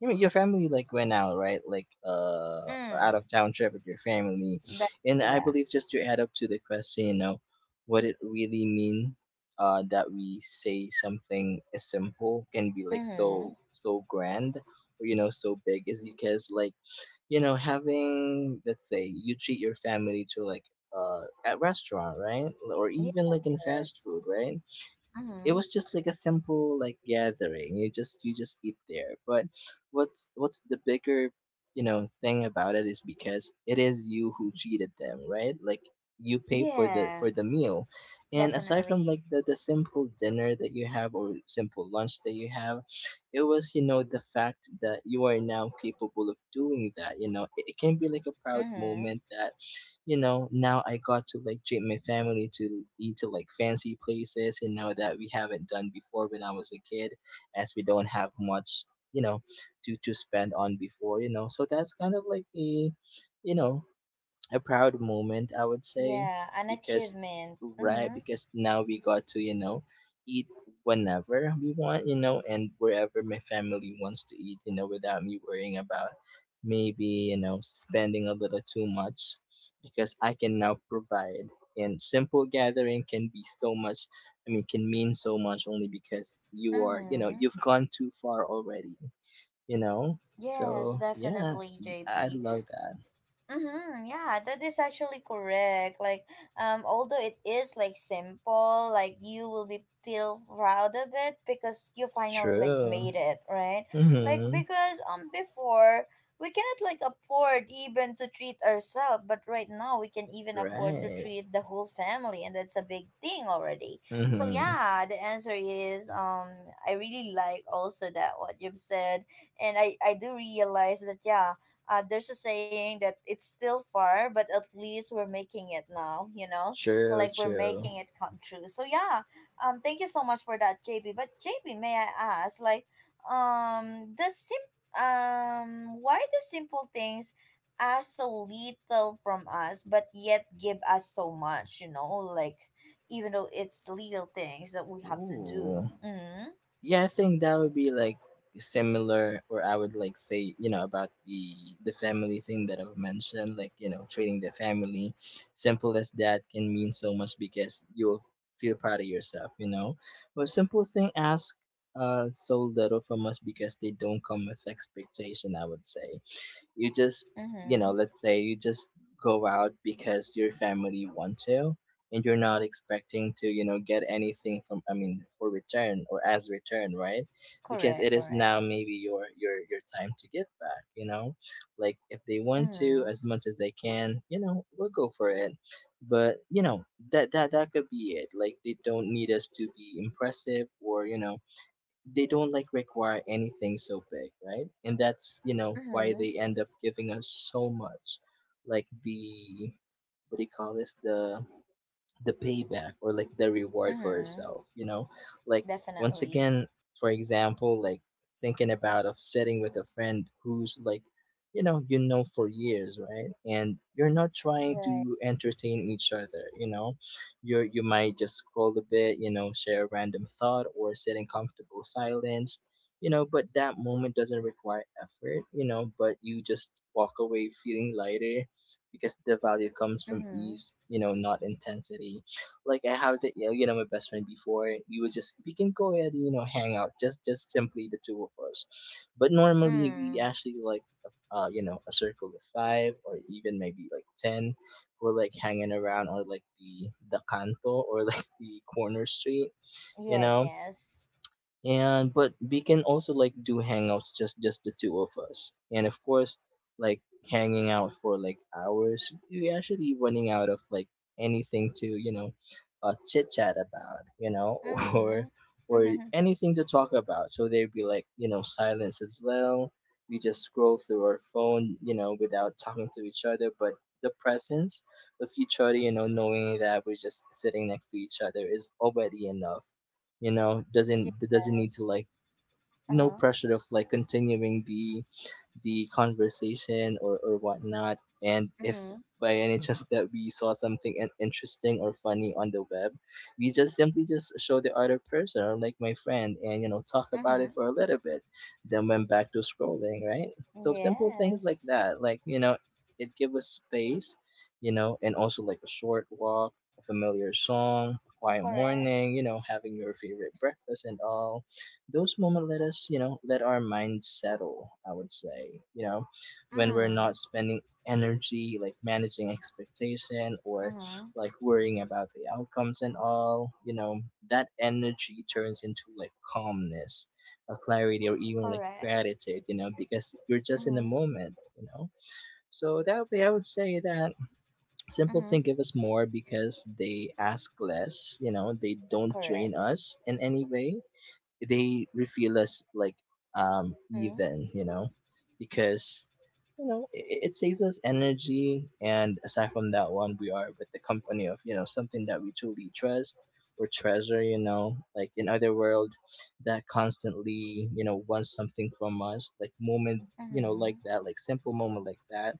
[SPEAKER 2] you know, your family like went out right, like out
[SPEAKER 1] Mm,
[SPEAKER 2] of town trip with your family,
[SPEAKER 1] definitely,
[SPEAKER 2] and I
[SPEAKER 1] yeah.
[SPEAKER 2] believe just to add up to the question, you know, what it really mean. That we say something as simple can be like
[SPEAKER 1] Mm-hmm.
[SPEAKER 2] so so grand or you know so big is because, like you know, having let's say you treat your family to like at restaurant, right? Or
[SPEAKER 1] Yes,
[SPEAKER 2] even like in fast
[SPEAKER 1] yes.
[SPEAKER 2] food, right? It
[SPEAKER 1] Mm-hmm.
[SPEAKER 2] was just like a simple like gathering. You just eat there. But what's the bigger, you know, thing about it is because it is you who cheated them, right? Like you pay
[SPEAKER 1] Yeah,
[SPEAKER 2] for the meal, and aside from like
[SPEAKER 1] definitely.
[SPEAKER 2] the simple dinner that you have or simple lunch that you have, it was you know the fact that you are now capable of doing that. You know it, it can be like a proud
[SPEAKER 1] Mm-hmm.
[SPEAKER 2] moment that, you know, now I got to like treat my family to eat to like fancy places and now that we haven't done before when I was a kid, as we don't have much, you know, to spend on before, you know. So that's kind of like a, you know, a proud moment, I would say.
[SPEAKER 1] Yeah, an
[SPEAKER 2] Because
[SPEAKER 1] achievement.
[SPEAKER 2] right,
[SPEAKER 1] Mm-hmm.
[SPEAKER 2] because now we got to you know eat whenever we want, you know, and wherever my family wants to eat, you know, without me worrying about maybe, you know, spending a little too much, because I can now provide. And simple gathering can be so much, I mean can mean so much, only because you are, you know,
[SPEAKER 1] Mm-hmm.
[SPEAKER 2] you've gone too far already, you know. So
[SPEAKER 1] Yes,
[SPEAKER 2] yeah,
[SPEAKER 1] definitely,
[SPEAKER 2] I
[SPEAKER 1] JP.
[SPEAKER 2] love that.
[SPEAKER 1] Mm-hmm, yeah, that is actually correct. Like, although it is like simple, like you will be feel proud of it because you finally like
[SPEAKER 2] True.
[SPEAKER 1] made it, right? Like,
[SPEAKER 2] Mhm.
[SPEAKER 1] because before we cannot like afford even to treat ourselves, but right now we can even afford to
[SPEAKER 2] Right.
[SPEAKER 1] treat the whole family, and that's a big thing already. So
[SPEAKER 2] Mhm.
[SPEAKER 1] yeah, the answer is, I really like also that what you've said, and I do realize that yeah, there's a saying that it's still far, but at least we're making it now, you know?
[SPEAKER 2] True,
[SPEAKER 1] Like, we're
[SPEAKER 2] true.
[SPEAKER 1] making it come true. So yeah, thank you so much for that, JB. But JB, may I ask, like, the sim why do simple things ask so little from us but yet give us so much, you know, like even though it's little things that we have to
[SPEAKER 2] Ooh.
[SPEAKER 1] do. Mm-hmm.
[SPEAKER 2] Yeah, I think that would be like similar, or I would like say, you know, about the family thing that I've mentioned, like, you know, treating the family simple as that can mean so much because you'll feel proud of yourself, you know. But simple thing ask so little from us because they don't come with expectation, I would say. You just, you know,
[SPEAKER 1] Mm-hmm.
[SPEAKER 2] let's say you just go out because your family want to, and you're not expecting to, you know, get anything from, I mean, for return or as return, right? Because it
[SPEAKER 1] Correct,
[SPEAKER 2] is
[SPEAKER 1] correct.
[SPEAKER 2] now maybe your your time to give back, you know? Like if they want to
[SPEAKER 1] Mm-hmm.
[SPEAKER 2] as much as they can, you know, we'll go for it. But, you know, that could be it. Like they don't need us to be impressive, or, you know, they don't like require anything so big, right? And that's you know why
[SPEAKER 1] Mm-hmm.
[SPEAKER 2] they end up giving us so much, like the what do you call this, the payback, or like the reward for
[SPEAKER 1] Mm-hmm.
[SPEAKER 2] herself, you know. Like once
[SPEAKER 1] Definitely.
[SPEAKER 2] again, for example, like thinking about of sitting with a friend who's like, you know, you know for years, right? And you're not trying
[SPEAKER 1] Right.
[SPEAKER 2] to entertain each other, you know, you're you might just scroll a bit, you know, share a random thought or sit in comfortable silence, you know. But that moment doesn't require effort, you know, but you just walk away feeling lighter because the value comes from
[SPEAKER 1] Mm-hmm.
[SPEAKER 2] ease, you know, not intensity. Like I have the you know my best friend before, we would just we can go ahead and you know hang out, just simply the two of us. But normally we
[SPEAKER 1] Mm.
[SPEAKER 2] actually like you know a circle of five or even maybe like ten, who are like hanging around or like the canto or like the corner street, you
[SPEAKER 1] Yes,
[SPEAKER 2] know.
[SPEAKER 1] yes.
[SPEAKER 2] And but we can also like do hangouts just the two of us. And of course, like hanging out for like hours, we actually running out of like anything to you know chit chat about, you know or or
[SPEAKER 1] Mm-hmm.
[SPEAKER 2] anything to talk about, so there'd be like you know silence as well. We just scroll through our phone you know without talking to each other, but the presence of each other, you know, knowing that we're just sitting next to each other is already enough, you know. Doesn't there doesn't need to
[SPEAKER 1] Yes.
[SPEAKER 2] like no
[SPEAKER 1] Uh-huh.
[SPEAKER 2] pressure of like continuing the conversation, or whatnot. And if
[SPEAKER 1] Mm-hmm.
[SPEAKER 2] by any chance that we saw something interesting or funny on the web, we just simply just show the other person or like my friend, and you know talk about
[SPEAKER 1] Mm-hmm.
[SPEAKER 2] it for a little bit, then went back to scrolling, right? So simple things like
[SPEAKER 1] Yes.
[SPEAKER 2] that, like you know, it give us space, you know, and also like a short walk, a familiar song, a quiet
[SPEAKER 1] Correct.
[SPEAKER 2] morning, you know, having your favorite breakfast and all those moments let us, you know, let our mind settle, I would say, you know, when we're
[SPEAKER 1] Mm.
[SPEAKER 2] not spending energy like managing expectation or
[SPEAKER 1] Mm-hmm.
[SPEAKER 2] like worrying about the outcomes and all, you know, that energy turns into like calmness, a clarity or even like
[SPEAKER 1] Correct.
[SPEAKER 2] gratitude, you know, because you're just in the
[SPEAKER 1] Mm-hmm.
[SPEAKER 2] moment, you know. So that would be, I would say, that simple
[SPEAKER 1] Mm-hmm.
[SPEAKER 2] thing give us more because they ask less, you know, they don't drain
[SPEAKER 1] Correct.
[SPEAKER 2] us in any way, they feel us like
[SPEAKER 1] Mm-hmm.
[SPEAKER 2] even you know, because you know it, it saves us energy. And aside from that one, we are with the company of you know something that we truly trust or treasure, you know, like in other world that constantly you know wants something from us, like moment, you know,
[SPEAKER 1] Mm-hmm.
[SPEAKER 2] like that, like simple moment like that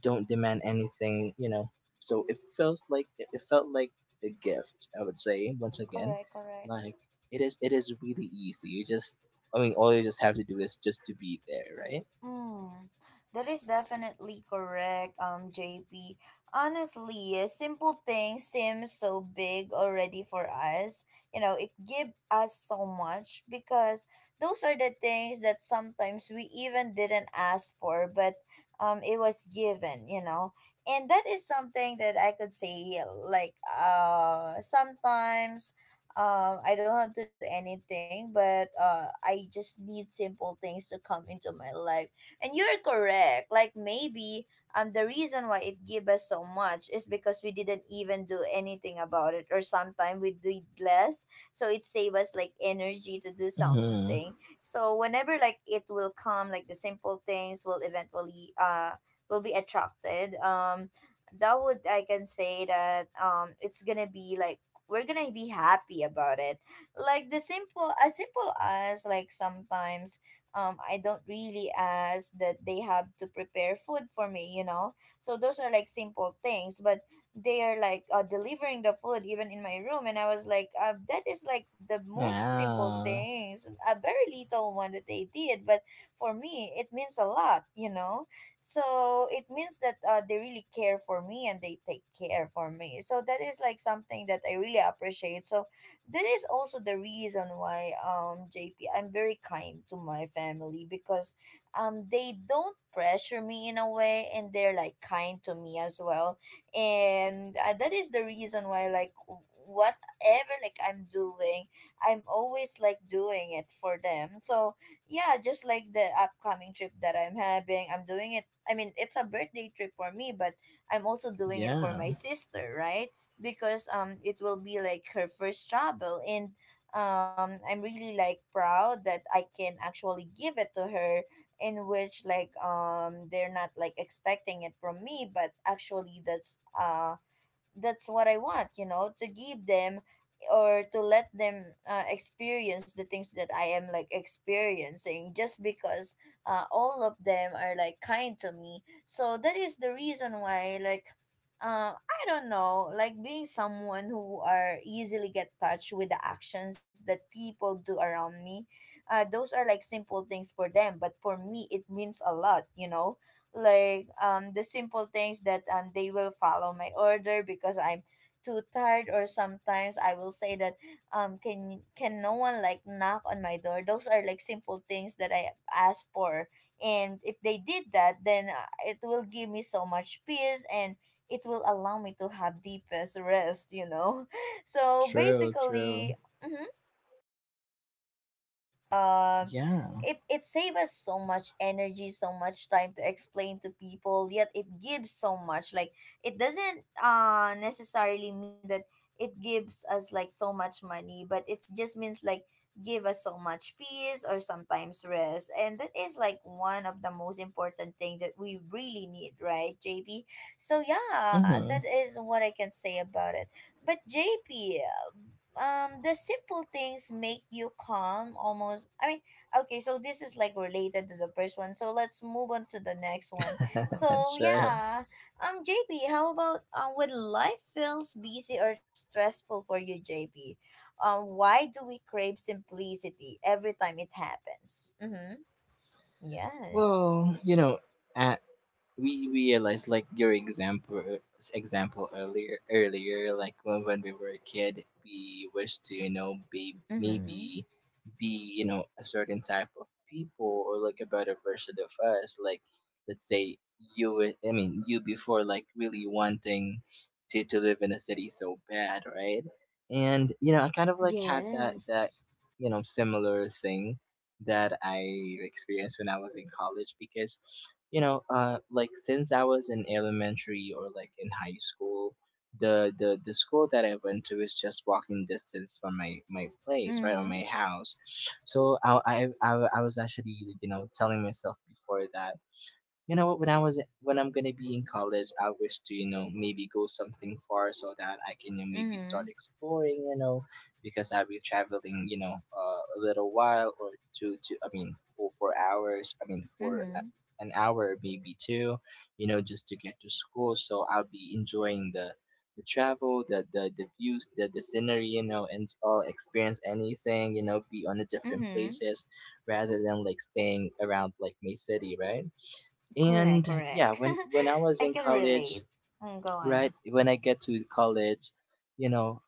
[SPEAKER 2] don't demand anything, you know. So it feels like it felt like a gift, I would say, once again.
[SPEAKER 1] Correct, correct.
[SPEAKER 2] Like it is really easy. You just I mean all you just have to do is just to be there, right?
[SPEAKER 1] Mm, that is definitely correct, JP. Honestly, a simple thing seems so big already for us. You know, it give us so much because those are the things that sometimes we even didn't ask for, but it was given. You know, and that is something that I could say yeah, like sometimes. I don't have to do anything, but I just need simple things to come into my life, and you're correct. Like, maybe the reason why it give us so much is because we didn't even do anything about it, or sometimes we did less. So it save us like energy to do
[SPEAKER 2] Mm-hmm.
[SPEAKER 1] something. So whenever like it will come, like the simple things will eventually will be attracted. That would, I can say that it's gonna be like we're gonna be happy about it, like the simple, as simple as like sometimes I don't really ask that they have to prepare food for me, you know. So those are like simple things, but they are like delivering the food even in my room, and I was like, that is like the most simple
[SPEAKER 2] Yeah.
[SPEAKER 1] things, a very little one that they did, but for me it means a lot, you know. So it means that they really care for me and they take care for me. So that is like something that I really appreciate. So that is also the reason why JP, I'm very kind to my family, because they don't pressure me in a way and they're like kind to me as well, and that is the reason why like whatever like I'm doing, I'm always like doing it for them. So yeah, just like the upcoming trip that I'm having, I'm doing it, I mean it's a birthday trip for me, but I'm also doing it for
[SPEAKER 2] Yeah.
[SPEAKER 1] my sister, right? Because it will be like her first travel, and I'm really like proud that I can actually give it to her, in which like they're not like expecting it from me, but actually that's what I want, you know, to give them, or to let them experience the things that I am like experiencing, just because all of them are like kind to me. So that is the reason why like I don't know, like being someone who are easily get touched with the actions that people do around me, those are like simple things for them, but for me it means a lot, you know. Like the simple things that they will follow my order because I'm too tired, or sometimes I will say that can no one like knock on my door. Those are like simple things that I ask for, and if they did that, then it will give me so much peace, and it will allow me to have deepest rest, you know. So
[SPEAKER 2] True,
[SPEAKER 1] basically,
[SPEAKER 2] true.
[SPEAKER 1] mhm, so basically, yes,
[SPEAKER 2] Yeah.
[SPEAKER 1] it, it saves us so much energy, so much time to explain to people, yet it gives so much. Like, it doesn't necessarily mean that it gives us like so much money, but it just means like give us so much peace, or sometimes rest, and that is like one of the most important thing that we really need, right, JP? So yeah, that
[SPEAKER 2] Hmm.
[SPEAKER 1] is what I can say about it. But JP, the simple things make you calm almost, I mean, okay, so this is like related to the first one, so let's move on to the next one. So
[SPEAKER 2] Sure.
[SPEAKER 1] yeah, JP, how about when life feels busy or stressful for you, JP, why do we crave simplicity every time it happens? Mm-hmm. Yes.
[SPEAKER 2] Well, a- we realized like your example earlier like when we were a kid we wished to be maybe
[SPEAKER 1] Mm-hmm.
[SPEAKER 2] be a certain type of people or like a better version of us. Like let's say you were- I mean you before, like really wanting to live in a city so bad, right? And you know, I kind of like had that
[SPEAKER 1] Yes.
[SPEAKER 2] you know similar thing that I experienced when I was in college. Because like since I was in elementary or like in high school, the school that I went to is just walking distance from my place, right? Or
[SPEAKER 1] Mm-hmm.
[SPEAKER 2] my house. So I was actually, you know, telling myself before that, you know what? When I'm gonna be in college, I wish to, you know, maybe go something far so that I can, you know, maybe
[SPEAKER 1] Mm-hmm.
[SPEAKER 2] start exploring. You know, because I'll be traveling. You know, a little while or two to I mean for 4 hours. I mean for
[SPEAKER 1] Mm-hmm.
[SPEAKER 2] an hour, maybe two. You know, just to get to school. So I'll be enjoying the travel, the views, the scenery. You know, and all, experience anything. You know, be on the different
[SPEAKER 1] Mm-hmm.
[SPEAKER 2] places rather than like staying around like my city, right?
[SPEAKER 1] Correct,
[SPEAKER 2] And yeah,
[SPEAKER 1] correct.
[SPEAKER 2] when I was
[SPEAKER 1] I
[SPEAKER 2] in
[SPEAKER 1] can
[SPEAKER 2] college,
[SPEAKER 1] relate. Mm, go on.
[SPEAKER 2] right? When I get to college, you know,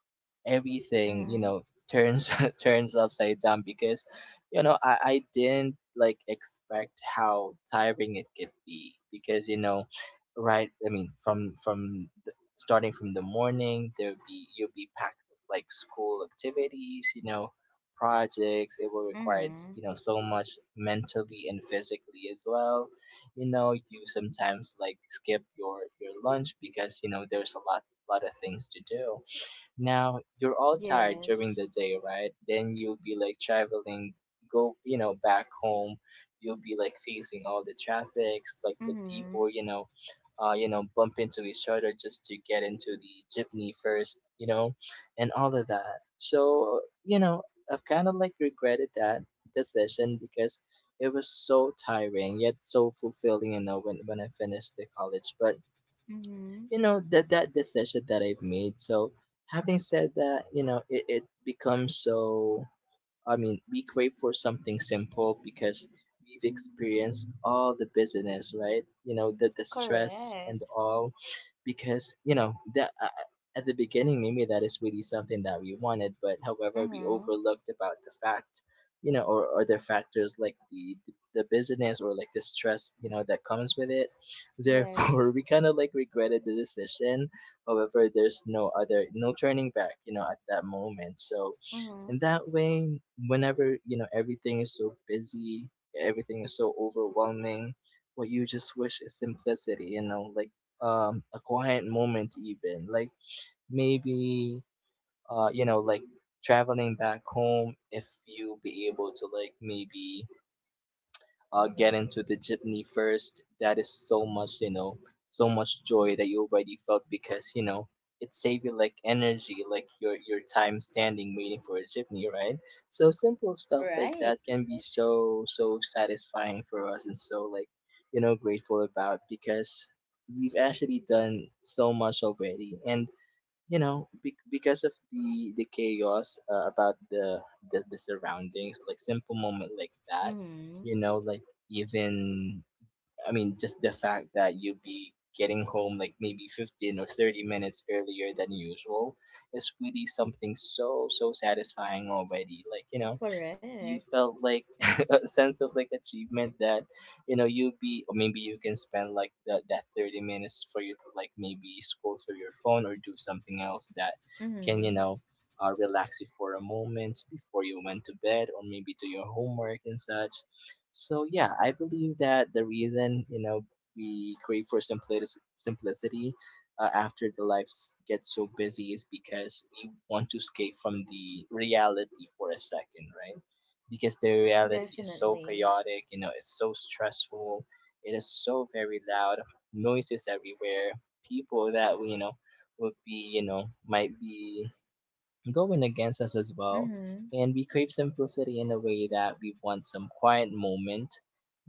[SPEAKER 2] everything, you
[SPEAKER 1] Mm-hmm.
[SPEAKER 2] know, turns turns upside down. Because I didn't like expect how tiring it could be. Because from starting from the morning, there'll be, you'll be packed with like school activities, you know, projects. It will require,
[SPEAKER 1] Mm-hmm.
[SPEAKER 2] you know, so much mentally and physically as well. You know, you sometimes like skip your lunch because, you know, there's a lot of things to do. Now you're all tired during the
[SPEAKER 1] Yes.
[SPEAKER 2] day, right? Then you'll be like traveling, go, you know, back home. You'll be like facing all the traffics, like the people,
[SPEAKER 1] Mm-hmm.
[SPEAKER 2] you know, bump into each other just to get into the jeepney first, you know, and all of that. So, you know, I've kind of like regretted that decision because it was so tiring yet so fulfilling, you know, when I finished the college. But
[SPEAKER 1] Mm-hmm.
[SPEAKER 2] you know, that decision that I've made. So having said that, you know, it becomes so, I mean, we crave for something simple because we've experienced all the busyness, right? You know, the stress and
[SPEAKER 1] Correct.
[SPEAKER 2] all. Because, you know, that at the beginning, maybe that is really something that we wanted, but however, we
[SPEAKER 1] Mm-hmm.
[SPEAKER 2] overlooked about the fact, you know, or other factors like the business or like the stress, you know, that comes with it. Therefore,
[SPEAKER 1] Yes.
[SPEAKER 2] we kind of like regretted the decision. However, there's no other, no turning back, you know, at that moment. So, and
[SPEAKER 1] Mm-hmm.
[SPEAKER 2] that way, whenever, you know, everything is so busy, everything is so overwhelming, what you just wish is simplicity, you know, like a quiet moment even. Like maybe you know, like traveling back home, if you be able to like maybe get into the jeepney first. That is so much, you know, so much joy that you already felt because, you know, it saved you like energy, like your time standing waiting for a jeepney, right? So simple stuff like
[SPEAKER 1] Right.
[SPEAKER 2] that can be so so satisfying for us and so like, you know, grateful about, because we've actually done so much already. And because of the chaos, about the surroundings, like simple moment like that,
[SPEAKER 1] Mm-hmm.
[SPEAKER 2] you know, like even, I mean, just the fact that you be getting home like maybe 15 or 30 minutes earlier than usual is really something so so satisfying already. Like, you know,
[SPEAKER 1] Correct.
[SPEAKER 2] you felt like a sense of like achievement that, you know, you be, or maybe you can spend like that 30 minutes for you to like maybe scroll through your phone or do something else that can,
[SPEAKER 1] Mm-hmm.
[SPEAKER 2] you know, relax you for a moment before you went to bed, or maybe do your homework and such. So yeah, I believe that the reason, you know, we crave for simplicity after the lives get so busy, is because we want to escape from the reality for a second, right? Because the reality is so
[SPEAKER 1] Definitely.
[SPEAKER 2] chaotic, you know, it's so stressful, it is so very loud, noises everywhere, people that, you know, would be, you know, might be going against us as well.
[SPEAKER 1] Mm-hmm.
[SPEAKER 2] And we crave simplicity in a way that we want some quiet moment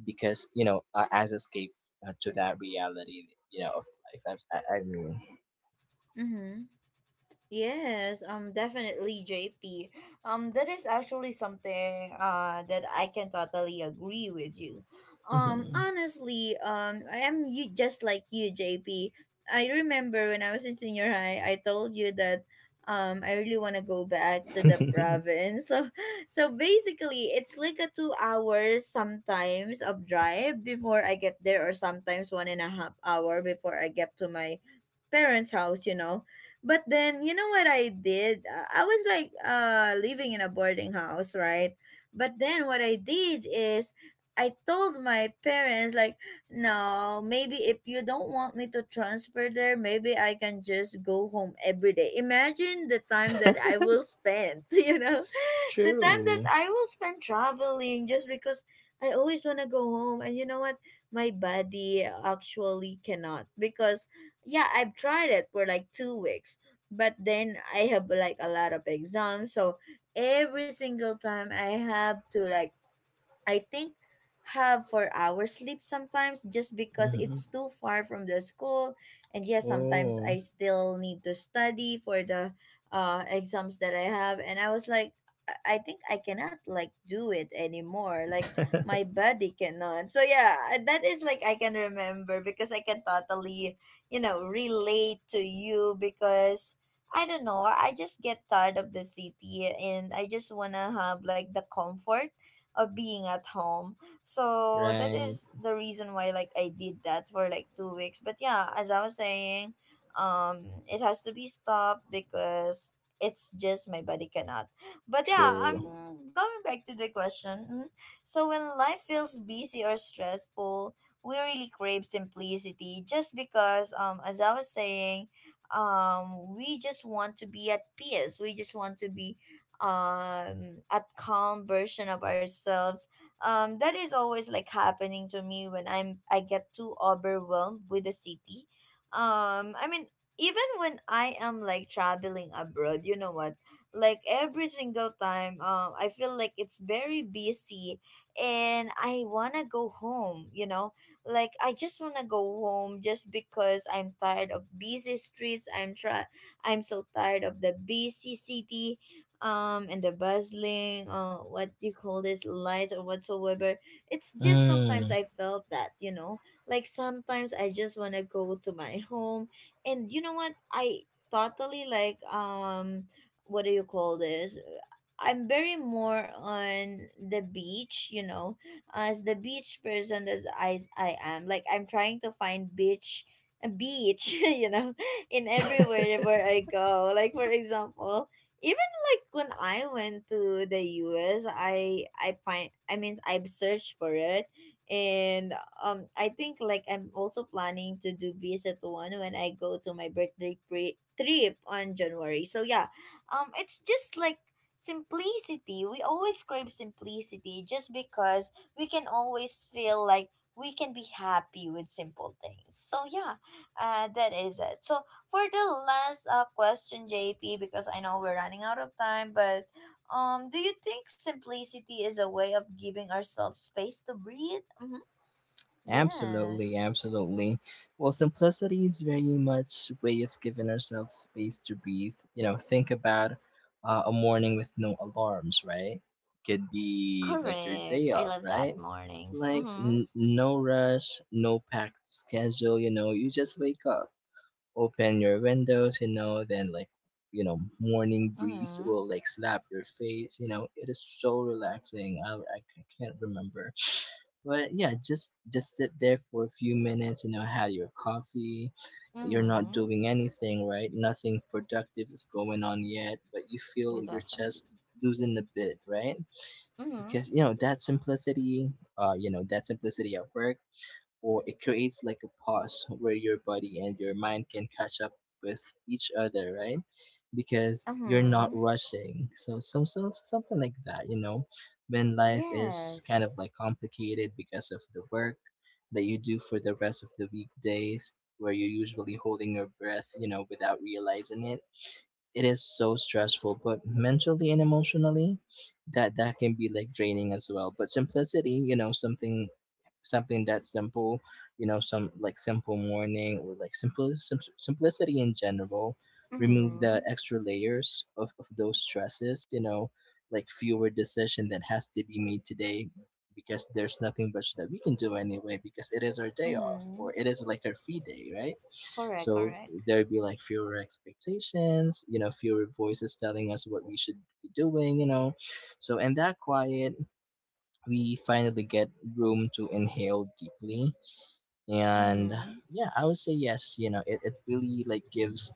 [SPEAKER 2] because, you know, as escape to that reality, you know, of life.
[SPEAKER 1] Mm-hmm. Yes, definitely, JP. That is actually something that I can totally agree with you.
[SPEAKER 2] Mhm.
[SPEAKER 1] Honestly, I am you just like you, JP. I remember when I was in senior high, I told you that I really want to go back to the province. So, so basically, it's like a 2 hours sometimes of drive before I get there, or sometimes one and a half hour before I get to my parents' house, you know. But then, you know what I did? I was like living in a boarding house, right? But then what I did is I told my parents like, "No, maybe if you don't want me to transfer there, maybe I can just go home every day." Imagine the time that I will spend, you know? The time that
[SPEAKER 2] True.
[SPEAKER 1] I will spend traveling, just because I always want to go home. And you know what? My body actually cannot, because yeah, I've tried it for like 2 weeks, but then I have like a lot of exams, so every single time I have to like, I think, have 4 hours sleep sometimes, just because
[SPEAKER 2] Mhm.
[SPEAKER 1] it's too far from the school, and yes, sometimes
[SPEAKER 2] Oh,
[SPEAKER 1] I still need to study for the exams that I have. And I was like, I think I cannot like do it anymore. Like, my body cannot. So yeah, that is like, I can remember because I can totally, you know, relate to you. Because I don't know, I just get tired of the city and I just want to have like the comfort of being at home. So that
[SPEAKER 2] right.
[SPEAKER 1] is the reason why like I did that for like 2 weeks. But yeah, as I was saying, it has to be stopped, because it's just my body cannot. But yeah, I'm
[SPEAKER 2] True.
[SPEAKER 1] going back to the question. Mhm. So when life feels busy or stressful, we really crave simplicity, just because as I was saying, we just want to be at peace. We just want to be at calm version of ourselves, that is always like happening to me when I get too overwhelmed with the city. I mean, even when I am like traveling abroad, you know what, like every single time, I feel like it's very busy and I want to go home, you know? Like, I just want to go home, just because I'm tired of busy streets, I'm so tired of the busy city, and the bustling, what do you call this lights or whatsoever. It's just sometimes
[SPEAKER 2] Mm,
[SPEAKER 1] I felt that, you know, like sometimes I just want to go to my home. And you know what? I totally like, what do you call this I'm very more on the beach, you know, as the beach person. As I am, like, I'm trying to find beach, a beach, you know, in everywhere where I go. Like for example, if, like when I went to the US, I find, I mean, I've searched for it, and I think, like, I'm also planning to do visit one when I go to my birthday trip on January. So yeah, it's just like simplicity. We always crave simplicity, just because we can always feel like we can be happy with simple things. So yeah, that is it. So for the last question, JP, because I know we're running out of time, but do you think simplicity is a way of giving ourselves space to breathe? Mm-hmm.
[SPEAKER 2] absolutely,
[SPEAKER 1] Yes,
[SPEAKER 2] absolutely. Well, simplicity is very much way of giving ourselves space to breathe. You know, think about a morning with no alarms, right? Could be like your
[SPEAKER 1] correct.
[SPEAKER 2] day
[SPEAKER 1] I
[SPEAKER 2] off,
[SPEAKER 1] love that
[SPEAKER 2] right?
[SPEAKER 1] mornings.
[SPEAKER 2] Like
[SPEAKER 1] Mm-hmm.
[SPEAKER 2] no rush, no packed schedule. You know, you just wake up, open your windows. You know, then like, you know, morning breeze
[SPEAKER 1] Mm-hmm.
[SPEAKER 2] will like slap your face. You know, it is so relaxing. I can't remember. But yeah, just sit there for a few minutes, you know, have your coffee. You're not
[SPEAKER 1] Mm-hmm.
[SPEAKER 2] doing anything, right? Nothing productive is going on yet, but you
[SPEAKER 1] Good,
[SPEAKER 2] feel your
[SPEAKER 1] definitely.
[SPEAKER 2] chest losing a bit, right?
[SPEAKER 1] Mm-hmm.
[SPEAKER 2] Because you know that simplicity, at work, or it creates like a pause where your body and your mind can catch up with each other, right? Because you're not
[SPEAKER 1] Mm-hmm.
[SPEAKER 2] rushing. So some something like that, you know, when life is kind of
[SPEAKER 1] Yes.
[SPEAKER 2] like complicated because of the work that you do for the rest of the weekdays, where you're usually holding your breath, you know, without realizing it. It is so stressful, but mentally and emotionally, that can be like draining as well. But simplicity, you know, something, something that's simple, you know, some like simple morning, or like simple simplicity in general, remove the
[SPEAKER 1] Mm-hmm.
[SPEAKER 2] extra layers of those stresses, you know, like fewer decision that has to be made today, because there's nothing much that we can do anyway, because it is our day off, or
[SPEAKER 1] Mm-hmm.
[SPEAKER 2] it is like our free day, right?
[SPEAKER 1] Correct.
[SPEAKER 2] So
[SPEAKER 1] Correct.
[SPEAKER 2] there'd be like fewer expectations, you know, fewer voices telling us what we should be doing, you know. So in that quiet, we finally get room to inhale deeply. And
[SPEAKER 1] Mm-hmm.
[SPEAKER 2] yeah, I would say yes, you know, it really like gives,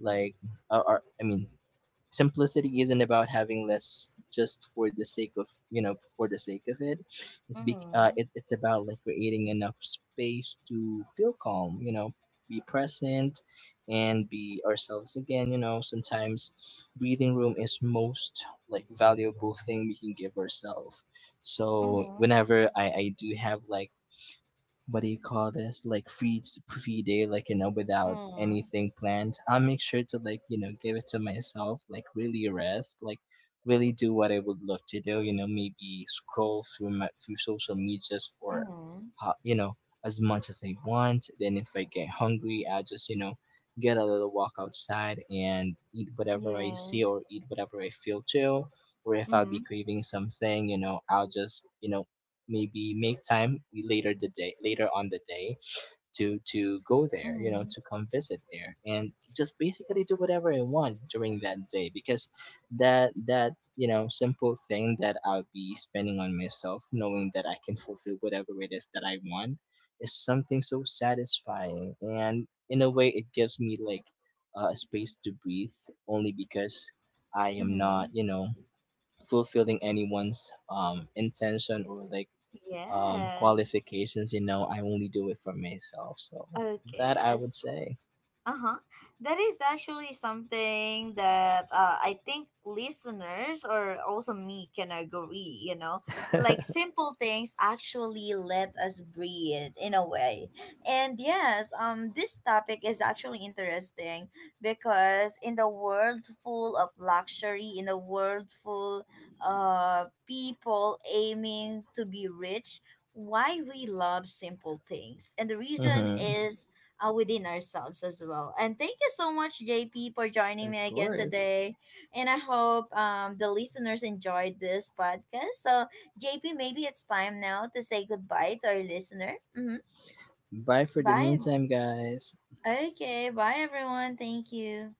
[SPEAKER 2] like, or I mean simplicity isn't about having less just for the sake of, you know, for the sake of it. it's be uh,
[SPEAKER 1] Mm-hmm.
[SPEAKER 2] it, it's about like creating enough space to feel calm, you know, be present, and be ourselves again. You know, sometimes breathing room is most like valuable thing we can give ourselves. So
[SPEAKER 1] Mm-hmm.
[SPEAKER 2] whenever I do have like, what do you call this, like free day, like, you know, without
[SPEAKER 1] Mm-hmm.
[SPEAKER 2] anything planned, I'll make sure to like, you know, give it to myself, like really rest, like really do what I would love to do. You know, maybe scroll through my through social medias for
[SPEAKER 1] Mm-hmm.
[SPEAKER 2] you know, as much as I want. Then if I get hungry, I just, you know, get a little walk outside and eat whatever I see, or
[SPEAKER 1] Yes.
[SPEAKER 2] eat whatever I feel to. Or if I'll be
[SPEAKER 1] Mm-hmm.
[SPEAKER 2] craving something, you know, I'll just, you know, maybe make time later on the day to go there, you know,
[SPEAKER 1] Mm-hmm.
[SPEAKER 2] to come visit there, and just basically do whatever I want during that day. Because that you know simple thing that I'll be spending on myself, knowing that I can fulfill whatever it is that I want, is something so satisfying. And in a way it gives me like a space to breathe, only because I am
[SPEAKER 1] Mm-hmm.
[SPEAKER 2] not, you know, fulfilling anyone's intention, or like
[SPEAKER 1] Yes.
[SPEAKER 2] qualifications. You know, I only do it for myself. So that
[SPEAKER 1] Okay,
[SPEAKER 2] I would
[SPEAKER 1] yes.
[SPEAKER 2] say.
[SPEAKER 1] Uh-huh. That is actually something that, I think listeners or also me can agree, you know. Like, simple things actually let us breathe in a way. And yes, this topic is actually interesting, because in the world full of luxury, in a world full of people aiming to be rich, why we love simple things. And the reason
[SPEAKER 2] Mhm.
[SPEAKER 1] is within ourselves as well. And thank you so much, JP, for joining me
[SPEAKER 2] Of
[SPEAKER 1] again
[SPEAKER 2] course.
[SPEAKER 1] today. And I hope the listeners enjoyed this podcast. So, JP, maybe it's time now to say goodbye to our listener. Mm-hmm.
[SPEAKER 2] Bye for the
[SPEAKER 1] Bye.
[SPEAKER 2] meantime, guys.
[SPEAKER 1] Okay. Bye, everyone. Thank you.